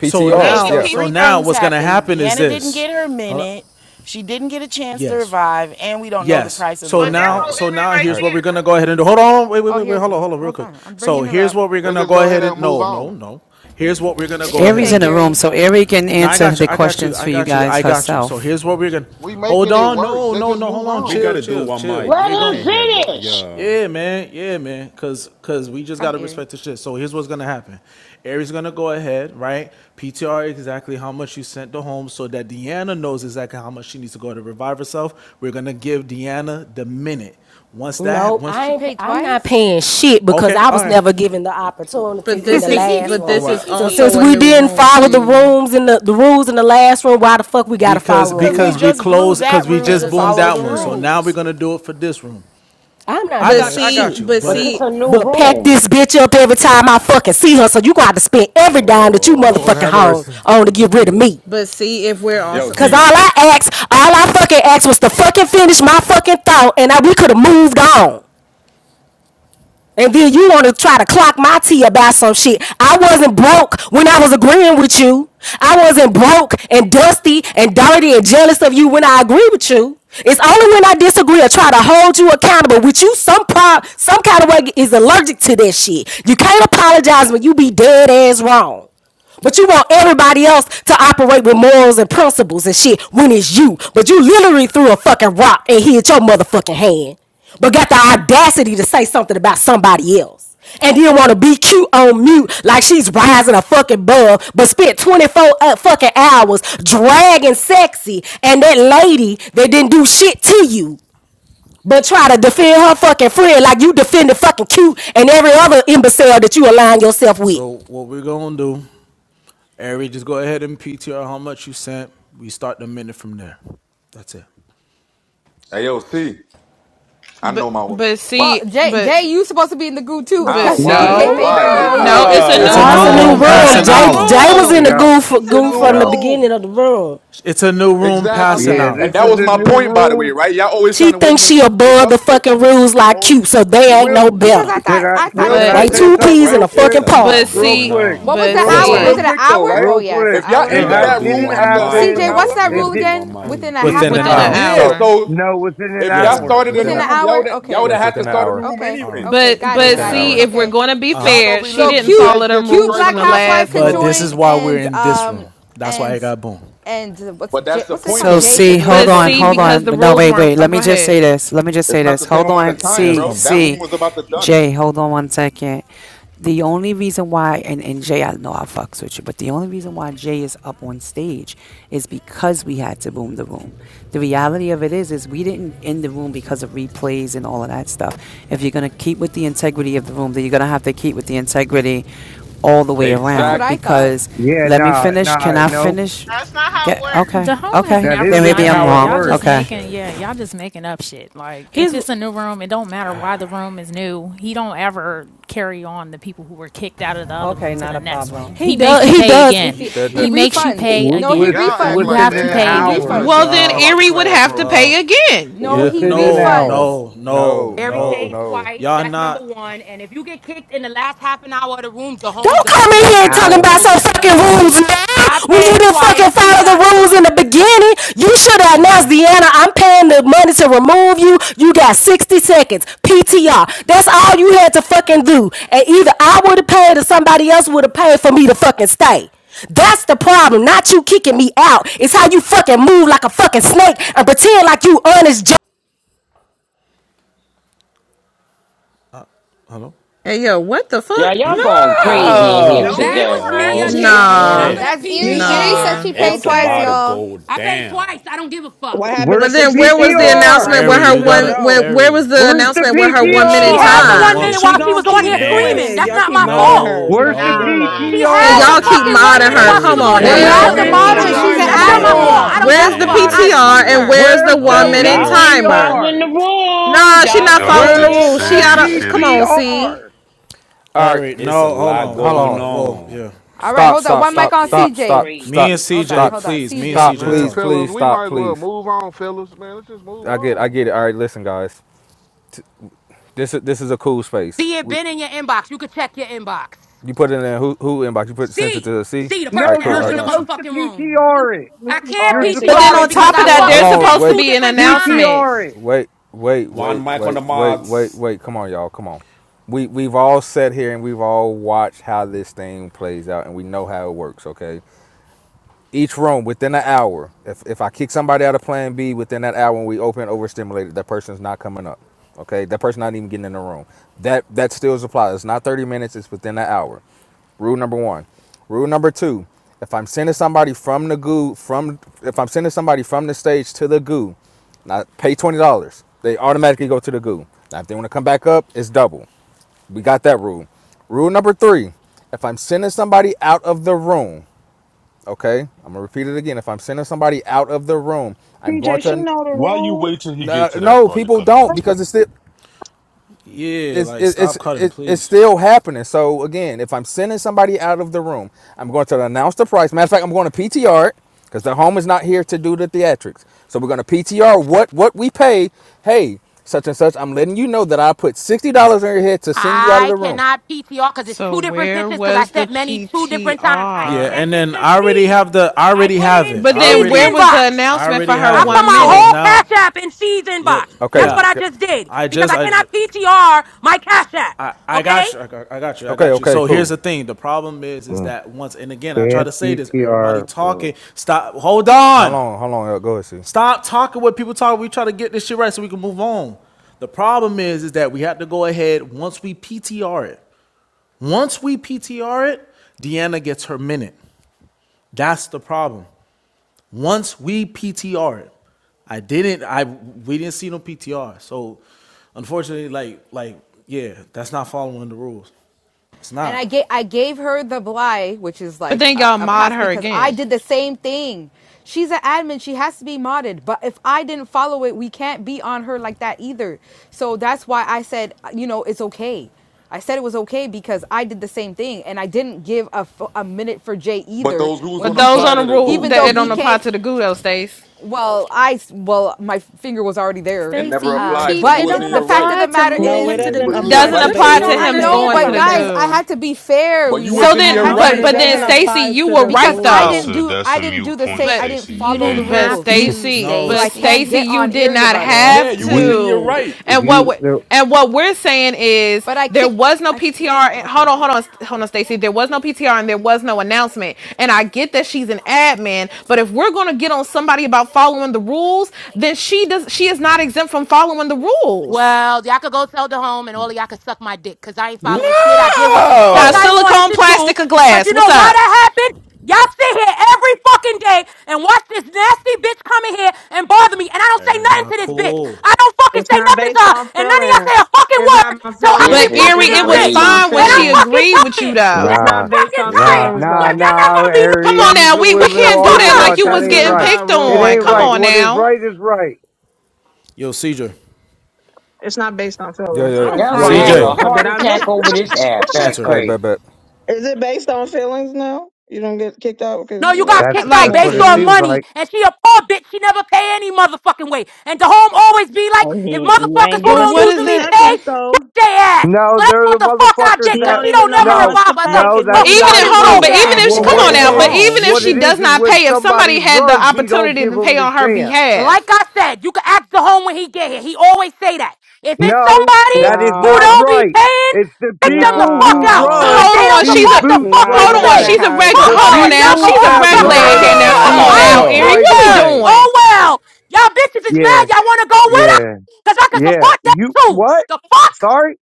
Speaker 8: So
Speaker 21: Then
Speaker 4: Okay,
Speaker 21: she
Speaker 8: now,
Speaker 4: so
Speaker 6: yeah.
Speaker 21: peaced
Speaker 8: so
Speaker 4: three
Speaker 21: out.
Speaker 8: now
Speaker 4: things
Speaker 8: what's gonna
Speaker 4: happened.
Speaker 8: happen is
Speaker 4: Deanna didn't
Speaker 8: this.
Speaker 4: get her
Speaker 8: Hold up.
Speaker 4: minute. She didn't get a chance to
Speaker 8: Yes,
Speaker 4: revive, and we don't know the
Speaker 8: yes.
Speaker 4: price of the
Speaker 8: So
Speaker 21: Well, there
Speaker 8: now,
Speaker 21: go
Speaker 8: so
Speaker 4: revival.
Speaker 21: Erie
Speaker 8: now
Speaker 21: right
Speaker 6: All
Speaker 8: here's
Speaker 6: right,
Speaker 8: what we're
Speaker 21: there.
Speaker 8: gonna go ahead and do. Hold on, wait, wait,
Speaker 1: Oh,
Speaker 8: wait, wait,
Speaker 1: here's
Speaker 8: hold on,
Speaker 1: Erie.
Speaker 8: hold on, real
Speaker 1: Hold
Speaker 8: quick.
Speaker 1: on. I'm
Speaker 8: So
Speaker 1: bringing her
Speaker 8: here's
Speaker 1: up.
Speaker 8: what we're
Speaker 3: Let's
Speaker 8: gonna
Speaker 3: just
Speaker 8: go
Speaker 3: go ahead
Speaker 8: ahead and,
Speaker 3: and move
Speaker 8: no, no,
Speaker 3: on.
Speaker 8: no. Here's what we're gonna
Speaker 1: It's
Speaker 8: go ahead
Speaker 12: Aries
Speaker 8: and
Speaker 12: in
Speaker 1: okay,
Speaker 12: the
Speaker 8: do.
Speaker 12: room,
Speaker 1: Erie.
Speaker 12: so Aries can
Speaker 8: Now I
Speaker 12: answer
Speaker 8: got you,
Speaker 12: the
Speaker 8: I got you,
Speaker 12: questions
Speaker 8: I
Speaker 12: for you
Speaker 8: got you,
Speaker 12: guys
Speaker 8: I got you. So
Speaker 12: herself.
Speaker 8: here's what we're gonna,
Speaker 3: We
Speaker 8: hold
Speaker 3: making it
Speaker 8: on,
Speaker 3: worse.
Speaker 8: no,
Speaker 3: Let's
Speaker 8: no,
Speaker 3: just
Speaker 8: no, hold
Speaker 3: move
Speaker 8: on,
Speaker 13: We got
Speaker 3: on,
Speaker 8: chill,
Speaker 13: to do
Speaker 8: chill,
Speaker 13: one
Speaker 8: chill.
Speaker 13: mic.
Speaker 20: Let
Speaker 8: We're
Speaker 13: I
Speaker 20: him
Speaker 13: can't
Speaker 8: gonna,
Speaker 13: hear, but
Speaker 20: finish.
Speaker 13: yeah.
Speaker 8: yeah, man. Yeah, man. Cause cause we just
Speaker 1: Come,
Speaker 8: gotta
Speaker 1: Erie.
Speaker 8: respect the shit. So here's what's gonna happen. Aries gonna go ahead, right? PTR exactly how much you sent to home so that Deanna knows exactly how much she needs to go to revive herself. We're gonna give Deanna the minute. Once that
Speaker 17: no,
Speaker 8: once
Speaker 17: I
Speaker 1: She
Speaker 17: ain't.
Speaker 1: paid
Speaker 17: I'm not
Speaker 1: twice?
Speaker 17: paying shit because
Speaker 8: Okay,
Speaker 17: I
Speaker 8: all
Speaker 17: was
Speaker 8: right.
Speaker 17: never given the opportunity
Speaker 16: But
Speaker 17: in
Speaker 16: this
Speaker 17: the
Speaker 16: is
Speaker 17: last
Speaker 16: but
Speaker 8: All
Speaker 17: room.
Speaker 16: this
Speaker 8: right.
Speaker 16: is
Speaker 17: So since
Speaker 16: also a
Speaker 17: we
Speaker 16: new
Speaker 17: didn't
Speaker 16: room,
Speaker 17: follow the
Speaker 16: see.
Speaker 17: rooms in the, the rules in the last room, why the fuck we gotta
Speaker 8: Because
Speaker 17: follow them
Speaker 4: Cause we
Speaker 8: because
Speaker 17: now?
Speaker 8: we
Speaker 4: just blew
Speaker 8: closed because
Speaker 4: that
Speaker 8: we
Speaker 4: room
Speaker 16: That
Speaker 4: to
Speaker 8: just
Speaker 16: is
Speaker 8: boomed
Speaker 4: follow
Speaker 16: also
Speaker 8: that
Speaker 4: the
Speaker 8: one. So
Speaker 16: true.
Speaker 8: now we're
Speaker 4: rules.
Speaker 8: gonna do it for this room.
Speaker 17: I'm not
Speaker 8: I
Speaker 16: But
Speaker 8: got
Speaker 17: doing
Speaker 8: you, I
Speaker 16: see,
Speaker 17: shit.
Speaker 8: got you.
Speaker 16: but
Speaker 20: But
Speaker 8: But
Speaker 20: this
Speaker 16: see,
Speaker 20: a new
Speaker 17: But pack
Speaker 20: room.
Speaker 17: this bitch up every time I fucking see her, so you gonna have to spend every dime that you
Speaker 13: Oh,
Speaker 7: Lord
Speaker 17: motherfucking
Speaker 7: have
Speaker 17: home
Speaker 13: shit.
Speaker 7: mercy.
Speaker 17: on to get rid of me.
Speaker 16: but see if we're
Speaker 11: Yo,
Speaker 16: also
Speaker 17: Cause all
Speaker 11: see,
Speaker 16: mm.
Speaker 17: I asked, all I fucking asked was to fucking finish my fucking thought, and I, we could have moved on. And then you want to try to clock my tea about some shit. I wasn't broke when I was agreeing with you. I wasn't broke and dusty and dirty and jealous of you when I agree with you. It's only when I disagree or try to hold you accountable with you some pro- some kind of way is allergic to that shit. You can't apologize when you be dead ass wrong. But you want everybody else to operate with morals and principles and shit when it's you. But you literally threw a fucking rock and hit your motherfucking hand. But got the audacity to say something about somebody else. And then want to be cute on mute like she's rising a fucking bug, but spent 24 uh, fucking hours dragging sexy and that lady that didn't do shit to you. But try to defend her fucking friend like you defended fucking cute and every other imbecile that you align yourself with.
Speaker 8: so what we're gonna do Ari, just go ahead and PTR how much you sent. We start the minute from there. That's it.
Speaker 11: hey, yo, see. I
Speaker 16: but
Speaker 11: know my work.
Speaker 16: but
Speaker 11: My-
Speaker 1: Well,
Speaker 16: see,
Speaker 1: Jay,
Speaker 16: but
Speaker 1: Jay, you supposed to be in the group too
Speaker 16: but
Speaker 11: How?
Speaker 1: because
Speaker 11: Why?
Speaker 1: BK
Speaker 16: see.
Speaker 5: No,
Speaker 1: paid for
Speaker 11: Why? They
Speaker 1: you.
Speaker 5: no.
Speaker 16: No,
Speaker 11: paid. They
Speaker 16: it's a
Speaker 11: paid
Speaker 8: It's a
Speaker 11: from
Speaker 13: Nah.
Speaker 16: new
Speaker 17: No,
Speaker 5: That
Speaker 11: the
Speaker 17: it's
Speaker 8: new
Speaker 17: a
Speaker 11: last
Speaker 17: new
Speaker 5: happened.
Speaker 8: room
Speaker 16: room.
Speaker 11: room.
Speaker 5: That
Speaker 16: It's
Speaker 8: past
Speaker 11: Why?
Speaker 17: room.
Speaker 21: Nah,
Speaker 16: a
Speaker 8: an
Speaker 5: hell.
Speaker 21: it's a
Speaker 17: Jay
Speaker 11: Tell
Speaker 16: new
Speaker 11: me.
Speaker 8: hour.
Speaker 17: Jay was in
Speaker 21: new
Speaker 17: the
Speaker 21: room.
Speaker 16: room.
Speaker 5: Yo,
Speaker 17: goof
Speaker 21: It's
Speaker 11: It's
Speaker 21: a new
Speaker 11: a
Speaker 17: goof from
Speaker 11: new
Speaker 17: the
Speaker 5: yo.
Speaker 21: room.
Speaker 11: room.
Speaker 17: beginning of the room.
Speaker 8: It's a new room past
Speaker 11: Exactly.
Speaker 8: an
Speaker 1: Okay,
Speaker 5: Yeah,
Speaker 1: okay,
Speaker 11: And
Speaker 5: this
Speaker 8: hour.
Speaker 11: that
Speaker 1: so
Speaker 5: is
Speaker 11: was
Speaker 1: it's
Speaker 5: a
Speaker 11: my
Speaker 5: new
Speaker 11: point, by the
Speaker 5: room.
Speaker 11: way, right? Y'all always trying
Speaker 17: She
Speaker 11: to
Speaker 17: thinks
Speaker 11: windmill
Speaker 17: she
Speaker 11: and make
Speaker 17: above
Speaker 11: up
Speaker 17: the
Speaker 11: shit.
Speaker 17: fucking rules like
Speaker 11: Hold
Speaker 17: cute, so they ain't
Speaker 11: real,
Speaker 17: no
Speaker 1: because
Speaker 17: better.
Speaker 1: I
Speaker 5: Can
Speaker 1: thought
Speaker 5: I
Speaker 1: I
Speaker 5: can,
Speaker 1: thought it
Speaker 11: real
Speaker 1: was
Speaker 5: can I
Speaker 17: They
Speaker 1: supposed
Speaker 11: quick,
Speaker 16: But
Speaker 1: to
Speaker 11: real
Speaker 5: say
Speaker 1: be.
Speaker 17: two
Speaker 11: quick,
Speaker 5: something
Speaker 17: peas in
Speaker 11: right?
Speaker 5: real
Speaker 17: a
Speaker 11: If
Speaker 13: It's
Speaker 17: fucking
Speaker 5: quick?
Speaker 13: a
Speaker 16: but
Speaker 17: pod.
Speaker 13: lot
Speaker 5: Real
Speaker 13: going
Speaker 16: see,
Speaker 5: quick.
Speaker 1: What
Speaker 13: on.
Speaker 1: was
Speaker 16: but
Speaker 1: the
Speaker 5: Real
Speaker 11: hold
Speaker 8: Yes,
Speaker 1: hour?
Speaker 11: on,
Speaker 5: quick.
Speaker 11: real
Speaker 1: Was
Speaker 8: Poppy.
Speaker 1: it an
Speaker 16: see
Speaker 11: quick though,
Speaker 1: hour?
Speaker 11: right?
Speaker 1: Oh
Speaker 5: Real
Speaker 1: yeah, it's an
Speaker 5: quick.
Speaker 11: If
Speaker 3: Now,
Speaker 11: y'all
Speaker 1: hour.
Speaker 5: It
Speaker 13: We
Speaker 11: ended
Speaker 3: y'all
Speaker 13: gotta
Speaker 5: hap-
Speaker 3: are
Speaker 11: that
Speaker 13: do
Speaker 11: room
Speaker 5: didn't
Speaker 13: one
Speaker 11: after a
Speaker 13: mic
Speaker 11: half an
Speaker 5: happen.
Speaker 1: CJ,
Speaker 11: hour,
Speaker 1: what's
Speaker 13: though. We
Speaker 1: that
Speaker 5: It
Speaker 13: gotta
Speaker 1: rule
Speaker 13: do
Speaker 5: did.
Speaker 13: one
Speaker 1: again?
Speaker 13: mic.
Speaker 5: Mm,
Speaker 1: Within a half
Speaker 8: Within
Speaker 1: an
Speaker 5: Jesus
Speaker 8: an
Speaker 6: all
Speaker 16: within
Speaker 1: hour?
Speaker 6: right.
Speaker 16: an
Speaker 5: Christ.
Speaker 8: hour.
Speaker 1: Wi-
Speaker 11: Yeah,
Speaker 6: So
Speaker 16: hour.
Speaker 11: so
Speaker 5: No, within an
Speaker 11: if
Speaker 8: Yes,
Speaker 11: y'all
Speaker 8: Mom.
Speaker 5: hour.
Speaker 11: started a
Speaker 6: within
Speaker 11: new
Speaker 1: Within
Speaker 6: a
Speaker 1: an
Speaker 11: room, y'all would
Speaker 1: hour?
Speaker 11: y'all
Speaker 1: Okay, it
Speaker 11: would
Speaker 1: was
Speaker 11: have
Speaker 6: yes,
Speaker 11: had to
Speaker 1: after
Speaker 6: within an
Speaker 11: start
Speaker 1: hour.
Speaker 11: a new
Speaker 6: hour,
Speaker 11: room
Speaker 1: Okay,
Speaker 8: All right.
Speaker 11: anyway.
Speaker 1: okay,
Speaker 16: But
Speaker 1: got it,
Speaker 16: but
Speaker 6: within
Speaker 1: got
Speaker 6: an
Speaker 1: it.
Speaker 16: see,
Speaker 1: It's
Speaker 6: hour,
Speaker 3: man.
Speaker 16: if we're
Speaker 6: yeah.
Speaker 1: okay.
Speaker 16: going to be
Speaker 8: Uh huh.
Speaker 3: Y'all gonna
Speaker 16: fair,
Speaker 3: be
Speaker 16: she
Speaker 1: So
Speaker 16: didn't
Speaker 3: letting
Speaker 1: cute,
Speaker 3: Jay
Speaker 16: follow them
Speaker 3: catch a
Speaker 1: cute
Speaker 16: rules
Speaker 3: stray
Speaker 16: from
Speaker 1: black
Speaker 3: for
Speaker 16: the
Speaker 3: nothing.
Speaker 1: housewife
Speaker 16: last
Speaker 1: could
Speaker 8: But this
Speaker 1: join,
Speaker 8: is
Speaker 16: room.
Speaker 8: why we're
Speaker 1: and
Speaker 8: in this
Speaker 1: um,
Speaker 8: room. That's why
Speaker 1: and
Speaker 8: I got boomed.
Speaker 1: and what's
Speaker 11: But
Speaker 1: J-
Speaker 11: that's the
Speaker 1: what's it
Speaker 11: point
Speaker 1: called?
Speaker 12: So
Speaker 11: though.
Speaker 1: Jay
Speaker 11: See,
Speaker 1: could
Speaker 11: when
Speaker 12: see,
Speaker 11: you want
Speaker 1: stay
Speaker 11: to
Speaker 12: hold
Speaker 16: But
Speaker 11: start
Speaker 12: on,
Speaker 11: a
Speaker 1: upstage.
Speaker 16: see,
Speaker 11: new
Speaker 12: hold
Speaker 1: Okay,
Speaker 16: because
Speaker 12: on.
Speaker 11: room,
Speaker 16: the
Speaker 12: No,
Speaker 16: rules
Speaker 12: wait,
Speaker 16: weren't.
Speaker 12: wait.
Speaker 16: Oh,
Speaker 12: Let
Speaker 16: go
Speaker 12: me just
Speaker 16: ahead.
Speaker 12: say this. Let me just say
Speaker 11: it's not
Speaker 12: this.
Speaker 11: the same
Speaker 12: Hold
Speaker 11: amount of
Speaker 12: on.
Speaker 11: time,
Speaker 8: Yes,
Speaker 12: See,
Speaker 11: bro.
Speaker 8: Mom.
Speaker 11: That
Speaker 12: see,
Speaker 11: room was about to done.
Speaker 12: Jay. Hold on one second. The only reason why, and, and Jay, I know I fucks with you, but the only reason why Jay is up on stage is because we had to boom the room. The reality of it is, is we didn't end the room because of replays and all of that stuff. If you're gonna keep with the integrity of the room, then you're gonna have to keep with the integrity all the way
Speaker 1: that's what
Speaker 12: around.
Speaker 1: I
Speaker 11: Exactly.
Speaker 1: thought.
Speaker 12: Because
Speaker 5: Yeah,
Speaker 12: let me
Speaker 5: nah,
Speaker 12: finish. Can
Speaker 5: nah,
Speaker 12: I
Speaker 5: nope.
Speaker 12: finish?
Speaker 21: That's not how it
Speaker 12: Get, okay,
Speaker 21: works.
Speaker 15: Dahome has
Speaker 12: okay.
Speaker 5: That
Speaker 15: never
Speaker 12: Then
Speaker 5: isn't
Speaker 15: done
Speaker 12: maybe I'm
Speaker 5: how
Speaker 15: that.
Speaker 5: it
Speaker 12: wrong.
Speaker 15: Y'all
Speaker 13: Oh
Speaker 5: works.
Speaker 15: just
Speaker 12: Okay.
Speaker 15: making,
Speaker 13: shit.
Speaker 15: yeah, y'all just making up shit. Like, if
Speaker 17: He's
Speaker 15: it's a new room, it don't matter why the room is new. He don't ever carry on the people who were kicked out of the other
Speaker 12: Okay,
Speaker 15: room to
Speaker 12: not
Speaker 15: the
Speaker 12: a
Speaker 15: next
Speaker 12: problem.
Speaker 15: room.
Speaker 17: he
Speaker 15: He makes
Speaker 17: does
Speaker 15: you
Speaker 17: he
Speaker 15: pay
Speaker 17: does
Speaker 8: He,
Speaker 15: again.
Speaker 17: if
Speaker 8: he,
Speaker 17: it.
Speaker 6: That
Speaker 1: He
Speaker 15: He
Speaker 6: that
Speaker 8: he,
Speaker 15: makes you
Speaker 1: refunds.
Speaker 15: pay
Speaker 5: W-
Speaker 1: No, he
Speaker 5: with
Speaker 15: again.
Speaker 3: Y'all act
Speaker 1: refunds.
Speaker 15: You
Speaker 3: like
Speaker 5: within
Speaker 15: have to
Speaker 5: an
Speaker 3: bad
Speaker 15: pay
Speaker 1: He
Speaker 3: students
Speaker 8: nah,
Speaker 15: again.
Speaker 3: when the
Speaker 5: hour.
Speaker 1: refunds.
Speaker 16: Well,
Speaker 3: teacher
Speaker 16: then
Speaker 8: yeah,
Speaker 3: go out the
Speaker 16: Erie would have to
Speaker 3: classroom.
Speaker 8: yeah,
Speaker 16: pay again.
Speaker 1: No,
Speaker 8: yeah.
Speaker 1: he
Speaker 5: Within an
Speaker 8: No,
Speaker 5: hour.
Speaker 1: refunds.
Speaker 8: no, no,
Speaker 6: no
Speaker 22: Barry
Speaker 6: no
Speaker 22: paid
Speaker 8: no.
Speaker 6: no.
Speaker 22: twice.
Speaker 8: Y'all
Speaker 22: That's number
Speaker 8: not,
Speaker 22: one. And if you get kicked in the last half an hour of the room, the home
Speaker 17: Don't
Speaker 22: does
Speaker 17: come in
Speaker 22: make it
Speaker 17: here
Speaker 22: so that
Speaker 17: talking
Speaker 22: it
Speaker 17: about
Speaker 5: Hour.
Speaker 22: goes
Speaker 17: some
Speaker 22: into the
Speaker 17: fucking
Speaker 22: next room.
Speaker 17: rules now
Speaker 22: I
Speaker 17: when you
Speaker 22: paid
Speaker 17: didn't
Speaker 22: twice.
Speaker 17: fucking
Speaker 22: She
Speaker 17: follow the
Speaker 22: gotta
Speaker 17: rules in the
Speaker 22: go.
Speaker 17: beginning. You should have announced,
Speaker 8: man.
Speaker 17: Deanna, I'm paying the money to remove you. You got 60 seconds. PTR. That's all you had to fucking do. And either I would have paid or somebody else would have paid for me to fucking stay. That's the problem, not you kicking me out. It's how you fucking move like a fucking snake and pretend like you honest
Speaker 8: Hello.
Speaker 16: Hey yo, what the
Speaker 20: Yeah,
Speaker 16: fuck?
Speaker 20: y'all going
Speaker 8: Yo,
Speaker 20: crazy in here
Speaker 23: You
Speaker 13: No.
Speaker 21: Don't mute
Speaker 22: That
Speaker 23: see?
Speaker 20: today.
Speaker 22: was me
Speaker 23: You
Speaker 21: her.
Speaker 13: Oh
Speaker 23: see?
Speaker 22: again. And I'm
Speaker 16: Nah,
Speaker 8: yo.
Speaker 22: gonna
Speaker 13: shit.
Speaker 1: That's
Speaker 23: You
Speaker 1: Erie. Erie
Speaker 23: see?
Speaker 1: said
Speaker 22: PTR.
Speaker 16: nah.
Speaker 1: she paid
Speaker 13: It's
Speaker 1: twice,
Speaker 13: about
Speaker 23: Okay.
Speaker 13: to
Speaker 1: y'all.
Speaker 13: go
Speaker 22: I paid
Speaker 13: down.
Speaker 22: twice. I don't give a
Speaker 23: What
Speaker 22: fuck.
Speaker 23: happened in
Speaker 5: Where's
Speaker 16: But
Speaker 5: the
Speaker 16: then
Speaker 23: 60
Speaker 16: where was the
Speaker 8: But
Speaker 23: seconds?
Speaker 5: PTR?
Speaker 23: Like,
Speaker 16: announcement
Speaker 23: this
Speaker 16: where
Speaker 8: Ari,
Speaker 16: her
Speaker 23: is
Speaker 8: you
Speaker 23: a
Speaker 16: one?
Speaker 8: gotta
Speaker 16: Where
Speaker 23: joke.
Speaker 16: where
Speaker 8: Ari,
Speaker 16: was the
Speaker 5: Where's the
Speaker 16: announcement where her
Speaker 8: Ari.
Speaker 16: one
Speaker 22: She
Speaker 8: She
Speaker 16: minute
Speaker 22: had
Speaker 8: got
Speaker 5: PTR?
Speaker 22: the
Speaker 8: her
Speaker 22: one
Speaker 8: one.
Speaker 16: time?
Speaker 22: minute
Speaker 13: This
Speaker 23: She
Speaker 22: while she
Speaker 23: gonna
Speaker 22: was
Speaker 13: is
Speaker 22: on
Speaker 23: keep
Speaker 22: here
Speaker 23: doing
Speaker 22: screaming.
Speaker 23: it. If
Speaker 22: That's
Speaker 23: y'all
Speaker 22: not
Speaker 23: keep
Speaker 13: nasty.
Speaker 22: my
Speaker 23: modding
Speaker 22: fault.
Speaker 23: her,
Speaker 8: No,
Speaker 23: she gonna
Speaker 5: Where's
Speaker 21: Nah,
Speaker 5: the
Speaker 23: keep
Speaker 8: no,
Speaker 23: doing it.
Speaker 22: She
Speaker 8: Ari,
Speaker 16: And
Speaker 22: had the
Speaker 13: This
Speaker 8: Ari,
Speaker 16: y'all
Speaker 5: PTR?
Speaker 13: is
Speaker 16: keep
Speaker 22: fucking one
Speaker 16: modding
Speaker 22: minute
Speaker 21: nah,
Speaker 16: her.
Speaker 22: while she
Speaker 16: Come
Speaker 22: was
Speaker 8: Ari,
Speaker 13: nasty
Speaker 22: on
Speaker 16: on
Speaker 23: Now
Speaker 22: here
Speaker 1: We
Speaker 23: you
Speaker 1: have
Speaker 8: Ari.
Speaker 23: still
Speaker 16: now.
Speaker 1: to
Speaker 5: Where
Speaker 13: work.
Speaker 23: ain't
Speaker 22: windmilling.
Speaker 5: is
Speaker 1: mod
Speaker 5: the
Speaker 3: Why
Speaker 1: her.
Speaker 8: No,
Speaker 3: y'all
Speaker 1: She's
Speaker 23: PTR
Speaker 1: an
Speaker 21: nah,
Speaker 3: keep
Speaker 22: That's not
Speaker 13: This
Speaker 22: my
Speaker 3: modding
Speaker 8: no,
Speaker 23: nothing.
Speaker 13: is
Speaker 3: her,
Speaker 22: fault. I
Speaker 5: PTR?
Speaker 1: admin.
Speaker 21: nah.
Speaker 1: We
Speaker 22: don't give
Speaker 16: Where's
Speaker 1: have
Speaker 22: a
Speaker 16: the
Speaker 1: to
Speaker 22: fuck.
Speaker 1: mod
Speaker 22: I
Speaker 1: her.
Speaker 13: nasty
Speaker 16: PTR
Speaker 22: removed
Speaker 16: and
Speaker 22: her.
Speaker 16: where's the
Speaker 5: Where's
Speaker 13: work.
Speaker 5: the
Speaker 16: one
Speaker 8: no,
Speaker 16: minute
Speaker 22: Damn.
Speaker 20: Y'all
Speaker 8: Ari,
Speaker 20: ain't
Speaker 16: timer?
Speaker 5: PTR?
Speaker 20: following the rules.
Speaker 16: Nah, she
Speaker 20: Y'all
Speaker 16: not
Speaker 14: Y'all just
Speaker 20: doing
Speaker 16: following the
Speaker 14: did
Speaker 13: Oh
Speaker 5: Where's
Speaker 14: the
Speaker 22: Please.
Speaker 20: dead
Speaker 16: rules. She
Speaker 5: the
Speaker 14: same
Speaker 16: out
Speaker 20: wrong.
Speaker 16: of
Speaker 14: shit
Speaker 13: shit.
Speaker 16: come on,
Speaker 14: again,
Speaker 16: see.
Speaker 14: man.
Speaker 5: PTR?
Speaker 6: All right,
Speaker 8: Ari.
Speaker 13: It's a
Speaker 8: No, hold
Speaker 13: lot
Speaker 8: on,
Speaker 6: hold
Speaker 8: hold
Speaker 13: going
Speaker 6: on.
Speaker 8: on. Well,
Speaker 13: on.
Speaker 8: yeah.
Speaker 1: All right,
Speaker 6: Stop
Speaker 1: hold on.
Speaker 6: stop
Speaker 1: One mic
Speaker 20: This
Speaker 6: stop
Speaker 1: on
Speaker 20: is
Speaker 6: stop
Speaker 1: CJ.
Speaker 6: stop
Speaker 8: Me
Speaker 6: stop
Speaker 8: and
Speaker 20: crazy.
Speaker 1: Hold on,
Speaker 6: stop
Speaker 8: CJ,
Speaker 1: hold on.
Speaker 8: please. Me and
Speaker 1: CJ.
Speaker 6: stop.
Speaker 8: CJ
Speaker 3: man,
Speaker 6: Please
Speaker 8: talk,
Speaker 3: fellas?
Speaker 6: please
Speaker 8: please.
Speaker 3: We
Speaker 6: stop
Speaker 3: might as well
Speaker 6: please.
Speaker 3: move on, fellas. Man, let's just move
Speaker 6: I get I
Speaker 3: on.
Speaker 6: get it. All right, listen guys. This is this is a cool space.
Speaker 22: See it
Speaker 6: We
Speaker 22: been in your inbox. You could check your inbox.
Speaker 6: you put it in who who inbox. You put sent it to
Speaker 22: She,
Speaker 6: the C.
Speaker 22: she, the
Speaker 5: No,
Speaker 6: All right,
Speaker 22: person that
Speaker 8: All
Speaker 6: cool.
Speaker 5: you're
Speaker 6: All
Speaker 8: right, I
Speaker 6: right.
Speaker 22: opened the
Speaker 8: got you.
Speaker 5: supposed to
Speaker 22: motherfucking room.
Speaker 5: PTR it.
Speaker 22: I can't
Speaker 5: You're
Speaker 23: PTR in
Speaker 16: But
Speaker 23: 60
Speaker 5: supposed
Speaker 16: then
Speaker 22: PTR it
Speaker 5: to
Speaker 16: on
Speaker 22: because
Speaker 23: seconds,
Speaker 16: top of
Speaker 22: I
Speaker 16: that,
Speaker 23: girl.
Speaker 6: Hold
Speaker 16: there's
Speaker 22: fucking
Speaker 5: PTR it.
Speaker 6: on,
Speaker 22: sent
Speaker 16: supposed to
Speaker 6: wait.
Speaker 22: two
Speaker 16: be an
Speaker 22: different
Speaker 16: announcement.
Speaker 22: times.
Speaker 5: PTR it.
Speaker 6: Wait, wait,
Speaker 13: One
Speaker 6: wait,
Speaker 13: mic on the
Speaker 6: wait, wait, wait,
Speaker 13: mods.
Speaker 6: wait. Come on, y'all. Come on. We we've all sat here and we've all watched how this thing plays out and we know how it works, okay? each room within an hour. If if I kick somebody out of Plan B within that hour and we open overstimulated, that person's not coming up. Okay, that person not even getting in the room. That that still applies. It's not 30 minutes. It's within an hour. Rule number one. Rule number two. If I'm sending somebody from the goo from if I'm sending somebody from the stage to the goo, now pay twenty dollars. They automatically go to the goo. Now if they want to come back up, it's double. We got that rule. Rule number three. If I'm sending somebody out of the room Okay, I'm gonna repeat it again. If I'm sending somebody out of the room, I'm going
Speaker 23: PJ, she
Speaker 6: to.
Speaker 23: know the
Speaker 14: Why you
Speaker 23: rules.
Speaker 14: wait till he
Speaker 6: No,
Speaker 14: get to that
Speaker 6: no
Speaker 14: part to
Speaker 6: people
Speaker 14: cut him
Speaker 6: don't
Speaker 14: off?
Speaker 6: because it's still
Speaker 8: Yeah,
Speaker 6: it's
Speaker 8: like
Speaker 6: it- it's
Speaker 8: stop cutting,
Speaker 6: it's
Speaker 8: please.
Speaker 6: still happening. So again, if I'm sending somebody out of the room, I'm going to announce the price. Matter of fact, I'm going to PTR it because the home is not here to do the theatrics. So we're going to PTR what what we pay. Hey, such and such, I'm letting you know that I put sixty dollars on your head to send you out of
Speaker 22: I
Speaker 6: the room.
Speaker 22: cannot PTR because it's
Speaker 16: So
Speaker 22: two different
Speaker 16: where
Speaker 22: pictures because I
Speaker 16: was the
Speaker 22: sent many two different times. I
Speaker 8: Yeah,
Speaker 16: PTR?
Speaker 8: and
Speaker 22: sent it
Speaker 8: then
Speaker 22: to
Speaker 8: I already
Speaker 22: C.
Speaker 8: have the. I
Speaker 22: I
Speaker 8: already
Speaker 22: put it
Speaker 8: have
Speaker 22: in
Speaker 8: it.
Speaker 16: But
Speaker 8: I
Speaker 22: C's
Speaker 16: then where
Speaker 8: already,
Speaker 16: was the
Speaker 22: inbox.
Speaker 8: I
Speaker 16: announcement for
Speaker 8: already
Speaker 16: her
Speaker 22: I
Speaker 8: have
Speaker 22: put
Speaker 8: it.
Speaker 16: one
Speaker 22: my
Speaker 8: So
Speaker 22: whole
Speaker 16: minute?
Speaker 22: Cash
Speaker 8: now,
Speaker 22: App in C's
Speaker 8: yep,
Speaker 22: inbox. That's
Speaker 6: Okay,
Speaker 22: what
Speaker 8: yeah.
Speaker 22: I
Speaker 6: g-
Speaker 22: just did
Speaker 8: I
Speaker 22: because
Speaker 8: just,
Speaker 22: I
Speaker 8: I, ju-
Speaker 22: cannot PTR my Cash App.
Speaker 8: I, I
Speaker 22: Okay?
Speaker 8: got you. I got, I got you. I
Speaker 6: okay,
Speaker 8: got you.
Speaker 6: okay,
Speaker 8: So here's
Speaker 6: cool.
Speaker 8: the thing. The problem is, is
Speaker 5: Mm,
Speaker 8: that once and again, I try
Speaker 5: Can't
Speaker 8: to say this. Everybody
Speaker 5: PTR. mm.
Speaker 8: talking. Stop. Hold
Speaker 6: How
Speaker 8: on.
Speaker 6: long? How long? Go ahead, see.
Speaker 8: Stop talking what people talk. We try to get this shit right so we can move on. The problem is, is that we have to go ahead once we PTR it. Once we PTR it, Deanna gets her minute. That's the problem. Once we PTR it, I didn't. I we didn't see no PTR. So unfortunately, like like yeah, that's not following the rules. It's
Speaker 1: And I
Speaker 8: not.
Speaker 1: gave I gave her the Bly, which is
Speaker 16: But
Speaker 1: like
Speaker 16: then
Speaker 1: a,
Speaker 16: y'all
Speaker 1: a
Speaker 16: mod
Speaker 1: pass
Speaker 16: her
Speaker 1: because I
Speaker 16: again.
Speaker 1: did the same thing. She's an admin; she has to be modded. But if I didn't follow it, we can't be on her like that either. So that's why I said, you know, it's okay. I said it was okay because I did the same thing, and I didn't give a, f- a minute for Jay
Speaker 11: But
Speaker 1: either.
Speaker 11: those rules
Speaker 1: When
Speaker 16: But
Speaker 11: don't
Speaker 16: those
Speaker 1: BK,
Speaker 11: apply
Speaker 16: on
Speaker 11: to
Speaker 16: the
Speaker 11: the
Speaker 16: rule
Speaker 11: goose,
Speaker 1: even
Speaker 16: that
Speaker 1: though
Speaker 16: it don't
Speaker 11: Stacy.
Speaker 16: apply
Speaker 1: BK,
Speaker 16: to the goo though, Stace.
Speaker 1: well, I well, my finger was already there.
Speaker 11: It
Speaker 15: Stacy,
Speaker 11: never
Speaker 15: you
Speaker 1: Um,
Speaker 11: applied. So
Speaker 15: keep
Speaker 11: you
Speaker 15: it
Speaker 1: but
Speaker 11: was
Speaker 1: it,
Speaker 11: in
Speaker 15: don't
Speaker 1: the
Speaker 11: your
Speaker 1: fact
Speaker 11: right.
Speaker 1: of
Speaker 15: apply
Speaker 1: the
Speaker 15: to
Speaker 1: matter
Speaker 15: moving
Speaker 23: No, it
Speaker 1: is,
Speaker 15: him to
Speaker 11: You
Speaker 15: the
Speaker 8: Yeah,
Speaker 23: doesn't
Speaker 11: was in
Speaker 16: It
Speaker 15: goo.
Speaker 11: your
Speaker 8: bro.
Speaker 23: apply
Speaker 16: doesn't
Speaker 23: to
Speaker 11: right
Speaker 23: the
Speaker 15: What you
Speaker 16: apply
Speaker 11: though.
Speaker 16: to
Speaker 15: don't
Speaker 23: goose,
Speaker 1: I
Speaker 16: him
Speaker 1: know,
Speaker 15: understand
Speaker 16: going to
Speaker 1: but
Speaker 23: safety.
Speaker 16: the
Speaker 15: about
Speaker 1: guys,
Speaker 15: that?
Speaker 1: I
Speaker 16: goo.
Speaker 1: had to be fair.
Speaker 11: But you
Speaker 1: We
Speaker 16: So
Speaker 11: was
Speaker 1: have
Speaker 11: in
Speaker 1: I
Speaker 16: then
Speaker 11: your
Speaker 23: No,
Speaker 1: had to
Speaker 23: but
Speaker 16: but
Speaker 1: be
Speaker 23: it
Speaker 11: right.
Speaker 16: but then
Speaker 23: doesn't
Speaker 1: fair
Speaker 16: Stacey,
Speaker 23: apply
Speaker 16: you
Speaker 23: to
Speaker 16: were
Speaker 23: the
Speaker 1: because
Speaker 16: right
Speaker 1: I
Speaker 14: That's
Speaker 23: goose.
Speaker 1: didn't
Speaker 16: though.
Speaker 14: a
Speaker 1: do
Speaker 14: that's
Speaker 1: I
Speaker 14: a
Speaker 1: didn't do
Speaker 14: mute
Speaker 1: the
Speaker 14: point,
Speaker 1: same. I
Speaker 16: But
Speaker 1: didn't
Speaker 14: Stacy.
Speaker 15: You
Speaker 14: You
Speaker 1: follow the
Speaker 15: didn't
Speaker 14: didn't.
Speaker 16: But
Speaker 15: have
Speaker 1: rules,
Speaker 23: You,
Speaker 15: to,
Speaker 16: Stacy,
Speaker 8: No,
Speaker 1: so I
Speaker 16: but
Speaker 8: st-
Speaker 1: can't
Speaker 15: Stacy.
Speaker 16: Stacy,
Speaker 8: st-
Speaker 1: get
Speaker 16: you
Speaker 1: on
Speaker 16: did
Speaker 1: eerie
Speaker 16: not
Speaker 1: about it.
Speaker 8: y'all,
Speaker 11: Yeah,
Speaker 16: have
Speaker 11: you was
Speaker 5: You,
Speaker 11: in your
Speaker 16: to.
Speaker 11: right.
Speaker 16: And what
Speaker 5: you,
Speaker 16: we-
Speaker 5: no,
Speaker 16: and what we're saying is
Speaker 1: But I
Speaker 16: there
Speaker 1: kicked.
Speaker 16: was no
Speaker 1: I ki-
Speaker 16: PTR. Hold
Speaker 1: okay.
Speaker 16: on, hold on, hold on, Stacy. There was no PTR and there was no announcement. And I get that she's an admin, but if we're gonna get on somebody about following the rules, then she does. She is not exempt from following the rules.
Speaker 22: Well, y'all could go sell the home and all of y'all could suck my dick because I ain't following shit. I did what the fuck
Speaker 16: Got
Speaker 22: I wanted
Speaker 16: silicone,
Speaker 22: to
Speaker 13: No!
Speaker 22: do
Speaker 16: plastic, or
Speaker 22: because
Speaker 16: glass.
Speaker 22: you
Speaker 16: What's
Speaker 22: know why
Speaker 16: up?
Speaker 22: that happened? Y'all sit here every fucking day and watch this nasty bitch come in here and bother me and I don't say
Speaker 8: Eric,
Speaker 22: nothing to
Speaker 8: not
Speaker 22: this bitch.
Speaker 8: cool.
Speaker 22: I don't fucking
Speaker 23: it's
Speaker 22: say
Speaker 23: not
Speaker 22: nothing to
Speaker 23: based
Speaker 22: her
Speaker 23: on
Speaker 22: and none of y'all say
Speaker 23: feelings.
Speaker 22: a fucking
Speaker 23: It's
Speaker 22: word
Speaker 23: not on
Speaker 22: so I
Speaker 20: This
Speaker 16: But
Speaker 23: feelings.
Speaker 22: reply
Speaker 20: is
Speaker 23: It's
Speaker 22: to
Speaker 16: Erie,
Speaker 22: this
Speaker 16: it
Speaker 23: not
Speaker 16: was
Speaker 23: based
Speaker 22: bitch
Speaker 23: on
Speaker 16: fine
Speaker 22: and
Speaker 16: when
Speaker 22: I'm
Speaker 20: crazy.
Speaker 16: she
Speaker 23: feelings.
Speaker 22: fucking
Speaker 16: agreed with you,
Speaker 22: tired. And
Speaker 16: though.
Speaker 23: It's
Speaker 22: I'm
Speaker 23: not
Speaker 5: nah,
Speaker 23: based
Speaker 22: fucking
Speaker 23: on
Speaker 22: tired.
Speaker 5: nah,
Speaker 23: feelings
Speaker 22: So
Speaker 5: nah,
Speaker 22: if
Speaker 23: though.
Speaker 22: y'all not
Speaker 5: nah,
Speaker 22: gonna be
Speaker 16: Come
Speaker 5: Harry.
Speaker 16: on
Speaker 22: neutral,
Speaker 5: You can
Speaker 16: now, we we
Speaker 22: shut the
Speaker 5: windmill
Speaker 16: can't do
Speaker 5: all
Speaker 22: fuck
Speaker 5: you
Speaker 23: Y'all
Speaker 16: that
Speaker 22: up.
Speaker 23: be
Speaker 16: like
Speaker 5: want.
Speaker 16: you
Speaker 5: That
Speaker 16: was
Speaker 5: ain't
Speaker 23: tussling
Speaker 16: getting
Speaker 5: right.
Speaker 23: about
Speaker 16: picked
Speaker 5: It
Speaker 16: on.
Speaker 23: rules
Speaker 5: ain't
Speaker 16: Come
Speaker 5: right.
Speaker 16: on
Speaker 23: though.
Speaker 5: What is
Speaker 16: now,
Speaker 5: right is right.
Speaker 8: Yo, CJ,
Speaker 23: It's not based on
Speaker 6: Yeah,
Speaker 23: feelings,
Speaker 6: yeah,
Speaker 15: I'm
Speaker 23: right?
Speaker 20: Y'all
Speaker 6: yeah,
Speaker 20: gonna
Speaker 6: yeah,
Speaker 15: crying.
Speaker 20: have
Speaker 8: CJ,
Speaker 6: yeah.
Speaker 20: a
Speaker 23: Or did
Speaker 20: heart
Speaker 23: I miss?
Speaker 20: attack over this app. That's
Speaker 8: answer.
Speaker 6: All right,
Speaker 20: crazy.
Speaker 6: bet, bet.
Speaker 23: Is it based on feelings now? You don't get kicked out because
Speaker 22: No,
Speaker 23: you
Speaker 22: you got
Speaker 23: like
Speaker 5: That's
Speaker 22: kicked out
Speaker 5: that's
Speaker 23: have
Speaker 16: like,
Speaker 5: what
Speaker 22: based
Speaker 5: it
Speaker 22: on
Speaker 23: feelings.
Speaker 5: seems like.
Speaker 22: money. And she a poor bitch. She never pay any motherfucking way. And the home always be like,
Speaker 23: Oh,
Speaker 22: if
Speaker 23: he, you
Speaker 22: motherfuckers
Speaker 23: ain't
Speaker 22: who
Speaker 23: give
Speaker 16: but
Speaker 23: us
Speaker 22: don't
Speaker 16: what is
Speaker 23: sixty
Speaker 22: usually
Speaker 16: it?
Speaker 22: pay,
Speaker 23: seconds though.
Speaker 22: kick their ass.
Speaker 5: No,
Speaker 22: So
Speaker 5: they're
Speaker 22: that's what
Speaker 5: the
Speaker 22: the fuck I
Speaker 5: motherfuckers
Speaker 22: did,
Speaker 23: You
Speaker 22: cause
Speaker 23: don't
Speaker 5: that.
Speaker 22: she
Speaker 23: even
Speaker 22: don't
Speaker 23: know how
Speaker 22: never
Speaker 5: No,
Speaker 23: much
Speaker 22: revive
Speaker 23: to pay
Speaker 22: herself.
Speaker 5: no,
Speaker 23: because you
Speaker 16: Even
Speaker 22: Her
Speaker 5: that's
Speaker 23: didn't give us
Speaker 5: not
Speaker 16: if
Speaker 22: fucking
Speaker 23: sixty
Speaker 16: hold on,
Speaker 22: broke
Speaker 5: true.
Speaker 16: but even
Speaker 22: ass.
Speaker 23: seconds
Speaker 16: if she
Speaker 5: What
Speaker 16: come
Speaker 5: what
Speaker 24: Where
Speaker 16: on
Speaker 23: though.
Speaker 24: is
Speaker 5: it
Speaker 16: now,
Speaker 24: the
Speaker 16: but
Speaker 13: Oh
Speaker 5: is?
Speaker 24: home?
Speaker 16: even if
Speaker 5: What
Speaker 16: she
Speaker 5: it is
Speaker 16: does
Speaker 13: shit.
Speaker 5: is
Speaker 16: not
Speaker 5: when
Speaker 16: pay, if
Speaker 5: somebody
Speaker 16: somebody had the
Speaker 5: runs, he don't
Speaker 16: opportunity
Speaker 5: give
Speaker 16: to
Speaker 5: them
Speaker 16: pay
Speaker 5: the
Speaker 16: on her
Speaker 5: chance.
Speaker 16: behalf,
Speaker 22: Like I said, you can ask the home when he get here. He always say that. If it's
Speaker 5: No,
Speaker 22: somebody
Speaker 5: that is
Speaker 22: who
Speaker 5: not
Speaker 23: No,
Speaker 22: don't be
Speaker 5: right.
Speaker 22: paying,
Speaker 5: It's the
Speaker 22: kick them the
Speaker 5: people
Speaker 22: fuck
Speaker 5: who
Speaker 22: out. Cause
Speaker 5: run,
Speaker 23: no,
Speaker 22: they
Speaker 16: hold
Speaker 22: don't
Speaker 16: on,
Speaker 5: he
Speaker 16: she's
Speaker 22: support
Speaker 16: a
Speaker 22: the
Speaker 5: boots
Speaker 22: fucking
Speaker 5: right
Speaker 23: nah.
Speaker 16: hold
Speaker 23: That's
Speaker 16: on,
Speaker 22: space.
Speaker 5: away.
Speaker 23: not
Speaker 16: she's a
Speaker 23: how it
Speaker 16: regular.
Speaker 22: Fuck
Speaker 5: The
Speaker 16: Hold
Speaker 22: her
Speaker 23: go.
Speaker 16: on
Speaker 22: and y'all
Speaker 16: now,
Speaker 22: can
Speaker 5: people
Speaker 16: she's a
Speaker 22: all
Speaker 5: that
Speaker 22: suck
Speaker 16: regular
Speaker 22: my
Speaker 16: in
Speaker 5: run,
Speaker 16: here
Speaker 22: dick.
Speaker 16: now. Come
Speaker 5: he
Speaker 16: on
Speaker 23: No,
Speaker 22: I
Speaker 16: now,
Speaker 5: boots
Speaker 16: Erie,
Speaker 22: kicked
Speaker 5: right
Speaker 13: No!
Speaker 16: what we
Speaker 22: her.
Speaker 5: away.
Speaker 22: Oh
Speaker 16: doing?
Speaker 22: well. Y'all bitches is mad.
Speaker 5: Yeah,
Speaker 22: Y'all wanna go with her?
Speaker 5: yeah,
Speaker 22: Cause I can
Speaker 5: yeah.
Speaker 22: support them
Speaker 5: You
Speaker 22: too.
Speaker 5: what?
Speaker 22: The fuck?
Speaker 5: Sorry,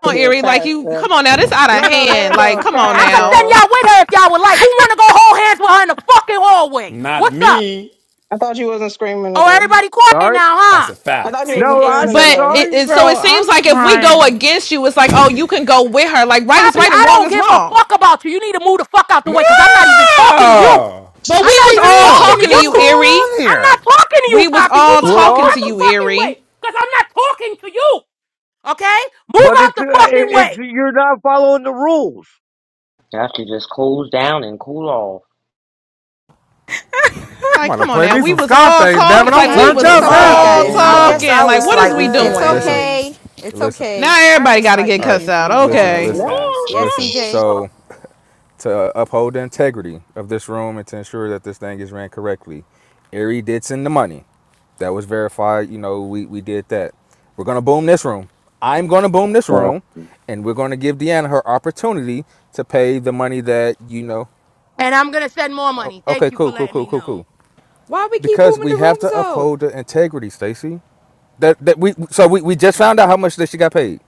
Speaker 16: Come on,
Speaker 23: you're a
Speaker 16: Erie, like you,
Speaker 23: crafter.
Speaker 16: come on now, this out of
Speaker 23: No, no, let her
Speaker 16: hand. Like,
Speaker 23: go.
Speaker 16: come on
Speaker 22: I
Speaker 23: Crash,
Speaker 22: could
Speaker 16: now.
Speaker 22: send
Speaker 23: girl.
Speaker 22: y'all with her if y'all would like. Who wanna go hold hands with her in the fucking hallway?
Speaker 13: Not
Speaker 22: What's up?
Speaker 13: me.
Speaker 23: I thought you wasn't screaming
Speaker 22: Oh,
Speaker 23: today.
Speaker 22: everybody quiet
Speaker 5: sorry.
Speaker 22: now,
Speaker 13: That's
Speaker 22: huh?
Speaker 13: a
Speaker 23: I thought you
Speaker 13: fact.
Speaker 23: wasn't
Speaker 5: No, I
Speaker 23: screaming
Speaker 22: Bitches.
Speaker 5: said
Speaker 16: But
Speaker 23: today.
Speaker 16: it,
Speaker 5: sorry.
Speaker 16: it so it
Speaker 15: Bro,
Speaker 16: seems
Speaker 15: I'm
Speaker 16: like if we go
Speaker 15: crying.
Speaker 16: against you, it's like oh you can go with her. Like right is
Speaker 22: Poppy,
Speaker 16: right
Speaker 22: I
Speaker 16: and wrong
Speaker 22: don't
Speaker 16: is
Speaker 22: give a
Speaker 16: wrong.
Speaker 22: fuck about you. You need to move the fuck out the way because I'm not even talking to you.
Speaker 13: No!
Speaker 16: But
Speaker 22: I'm
Speaker 16: we
Speaker 22: not
Speaker 16: was
Speaker 22: even
Speaker 16: all
Speaker 22: talking
Speaker 7: Damn,
Speaker 22: to
Speaker 16: talking to
Speaker 7: what's
Speaker 16: you,
Speaker 7: going
Speaker 22: you.
Speaker 16: Erie.
Speaker 7: on
Speaker 22: I'm not
Speaker 7: here?
Speaker 22: talking to you,
Speaker 16: We was
Speaker 22: Poppy. Move
Speaker 16: all
Speaker 22: out the
Speaker 5: We're
Speaker 16: talking
Speaker 5: all
Speaker 16: to you,
Speaker 22: motherfucking
Speaker 16: Erie.
Speaker 22: way because I'm not talking to you. Okay? Move
Speaker 5: But it's
Speaker 22: out the fucking
Speaker 5: it's
Speaker 22: way.
Speaker 5: you're not following the rules.
Speaker 20: You have to just cool down and cool off.
Speaker 7: I'm
Speaker 16: Like,
Speaker 7: about
Speaker 16: come
Speaker 7: to
Speaker 16: on
Speaker 7: play
Speaker 16: now.
Speaker 7: me
Speaker 16: We
Speaker 7: some
Speaker 16: was all
Speaker 7: Scarface,
Speaker 1: It's
Speaker 7: damn it.
Speaker 16: talking.
Speaker 7: I'm
Speaker 16: Like,
Speaker 4: I
Speaker 16: we
Speaker 1: okay.
Speaker 4: ain't
Speaker 7: turned
Speaker 16: was
Speaker 4: gonna
Speaker 1: It's
Speaker 7: up
Speaker 13: It's a
Speaker 1: okay,
Speaker 7: now.
Speaker 4: lie.
Speaker 13: lot
Speaker 16: all
Speaker 25: Happy
Speaker 1: guys.
Speaker 13: going
Speaker 4: I guess
Speaker 13: on.
Speaker 4: I
Speaker 16: talking. Like,
Speaker 4: was
Speaker 16: what is we
Speaker 4: slightly
Speaker 1: It's
Speaker 16: doing?
Speaker 25: Monday!
Speaker 6: Listen,
Speaker 1: okay.
Speaker 4: confused.
Speaker 1: It's
Speaker 6: listen.
Speaker 16: Now
Speaker 1: okay.
Speaker 4: I
Speaker 16: everybody
Speaker 4: was
Speaker 16: got to get
Speaker 4: slightly
Speaker 6: All right,
Speaker 16: cussed out.
Speaker 4: confused on the
Speaker 6: listen,
Speaker 13: That's
Speaker 16: Okay.
Speaker 13: a
Speaker 6: listen,
Speaker 4: rules.
Speaker 13: fact.
Speaker 1: Yes,
Speaker 6: listen.
Speaker 1: CJ.
Speaker 6: So, to uphold the integrity of this room and to ensure that this thing is ran correctly, Erie did send the money. That was verified. You know, we we did that. We're gonna boom this room. I'm gonna boom this
Speaker 5: Well,
Speaker 6: room, and we're gonna give Deanna her opportunity to pay the money that you know.
Speaker 22: And I'm going to send more money. Thank
Speaker 6: Okay,
Speaker 22: you for
Speaker 6: cool, cool,
Speaker 22: letting
Speaker 6: cool,
Speaker 22: me
Speaker 6: cool,
Speaker 22: know.
Speaker 6: cool.
Speaker 1: Why we keep
Speaker 6: Because
Speaker 1: booming
Speaker 6: we
Speaker 1: the
Speaker 6: have
Speaker 1: rooms
Speaker 6: to
Speaker 1: though?
Speaker 6: uphold the integrity, Stacy. That that we so we, we just
Speaker 1: Okay.
Speaker 6: found out how much that she got paid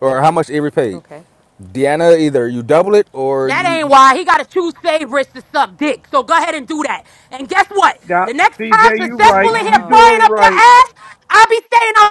Speaker 6: or how much Erie paid.
Speaker 1: Okay.
Speaker 6: Deanna, either you double it or
Speaker 22: That
Speaker 6: you,
Speaker 22: ain't why. He got to choose favorites to suck dick. So go ahead and do that. And guess what?
Speaker 5: Now,
Speaker 22: The next
Speaker 5: CJ,
Speaker 22: time
Speaker 7: Oh
Speaker 5: you are
Speaker 7: my
Speaker 22: successful
Speaker 5: right.
Speaker 22: in
Speaker 7: god.
Speaker 22: here
Speaker 5: You do it
Speaker 1: Damn.
Speaker 22: frying up your
Speaker 5: right.
Speaker 22: ass, I'll be staying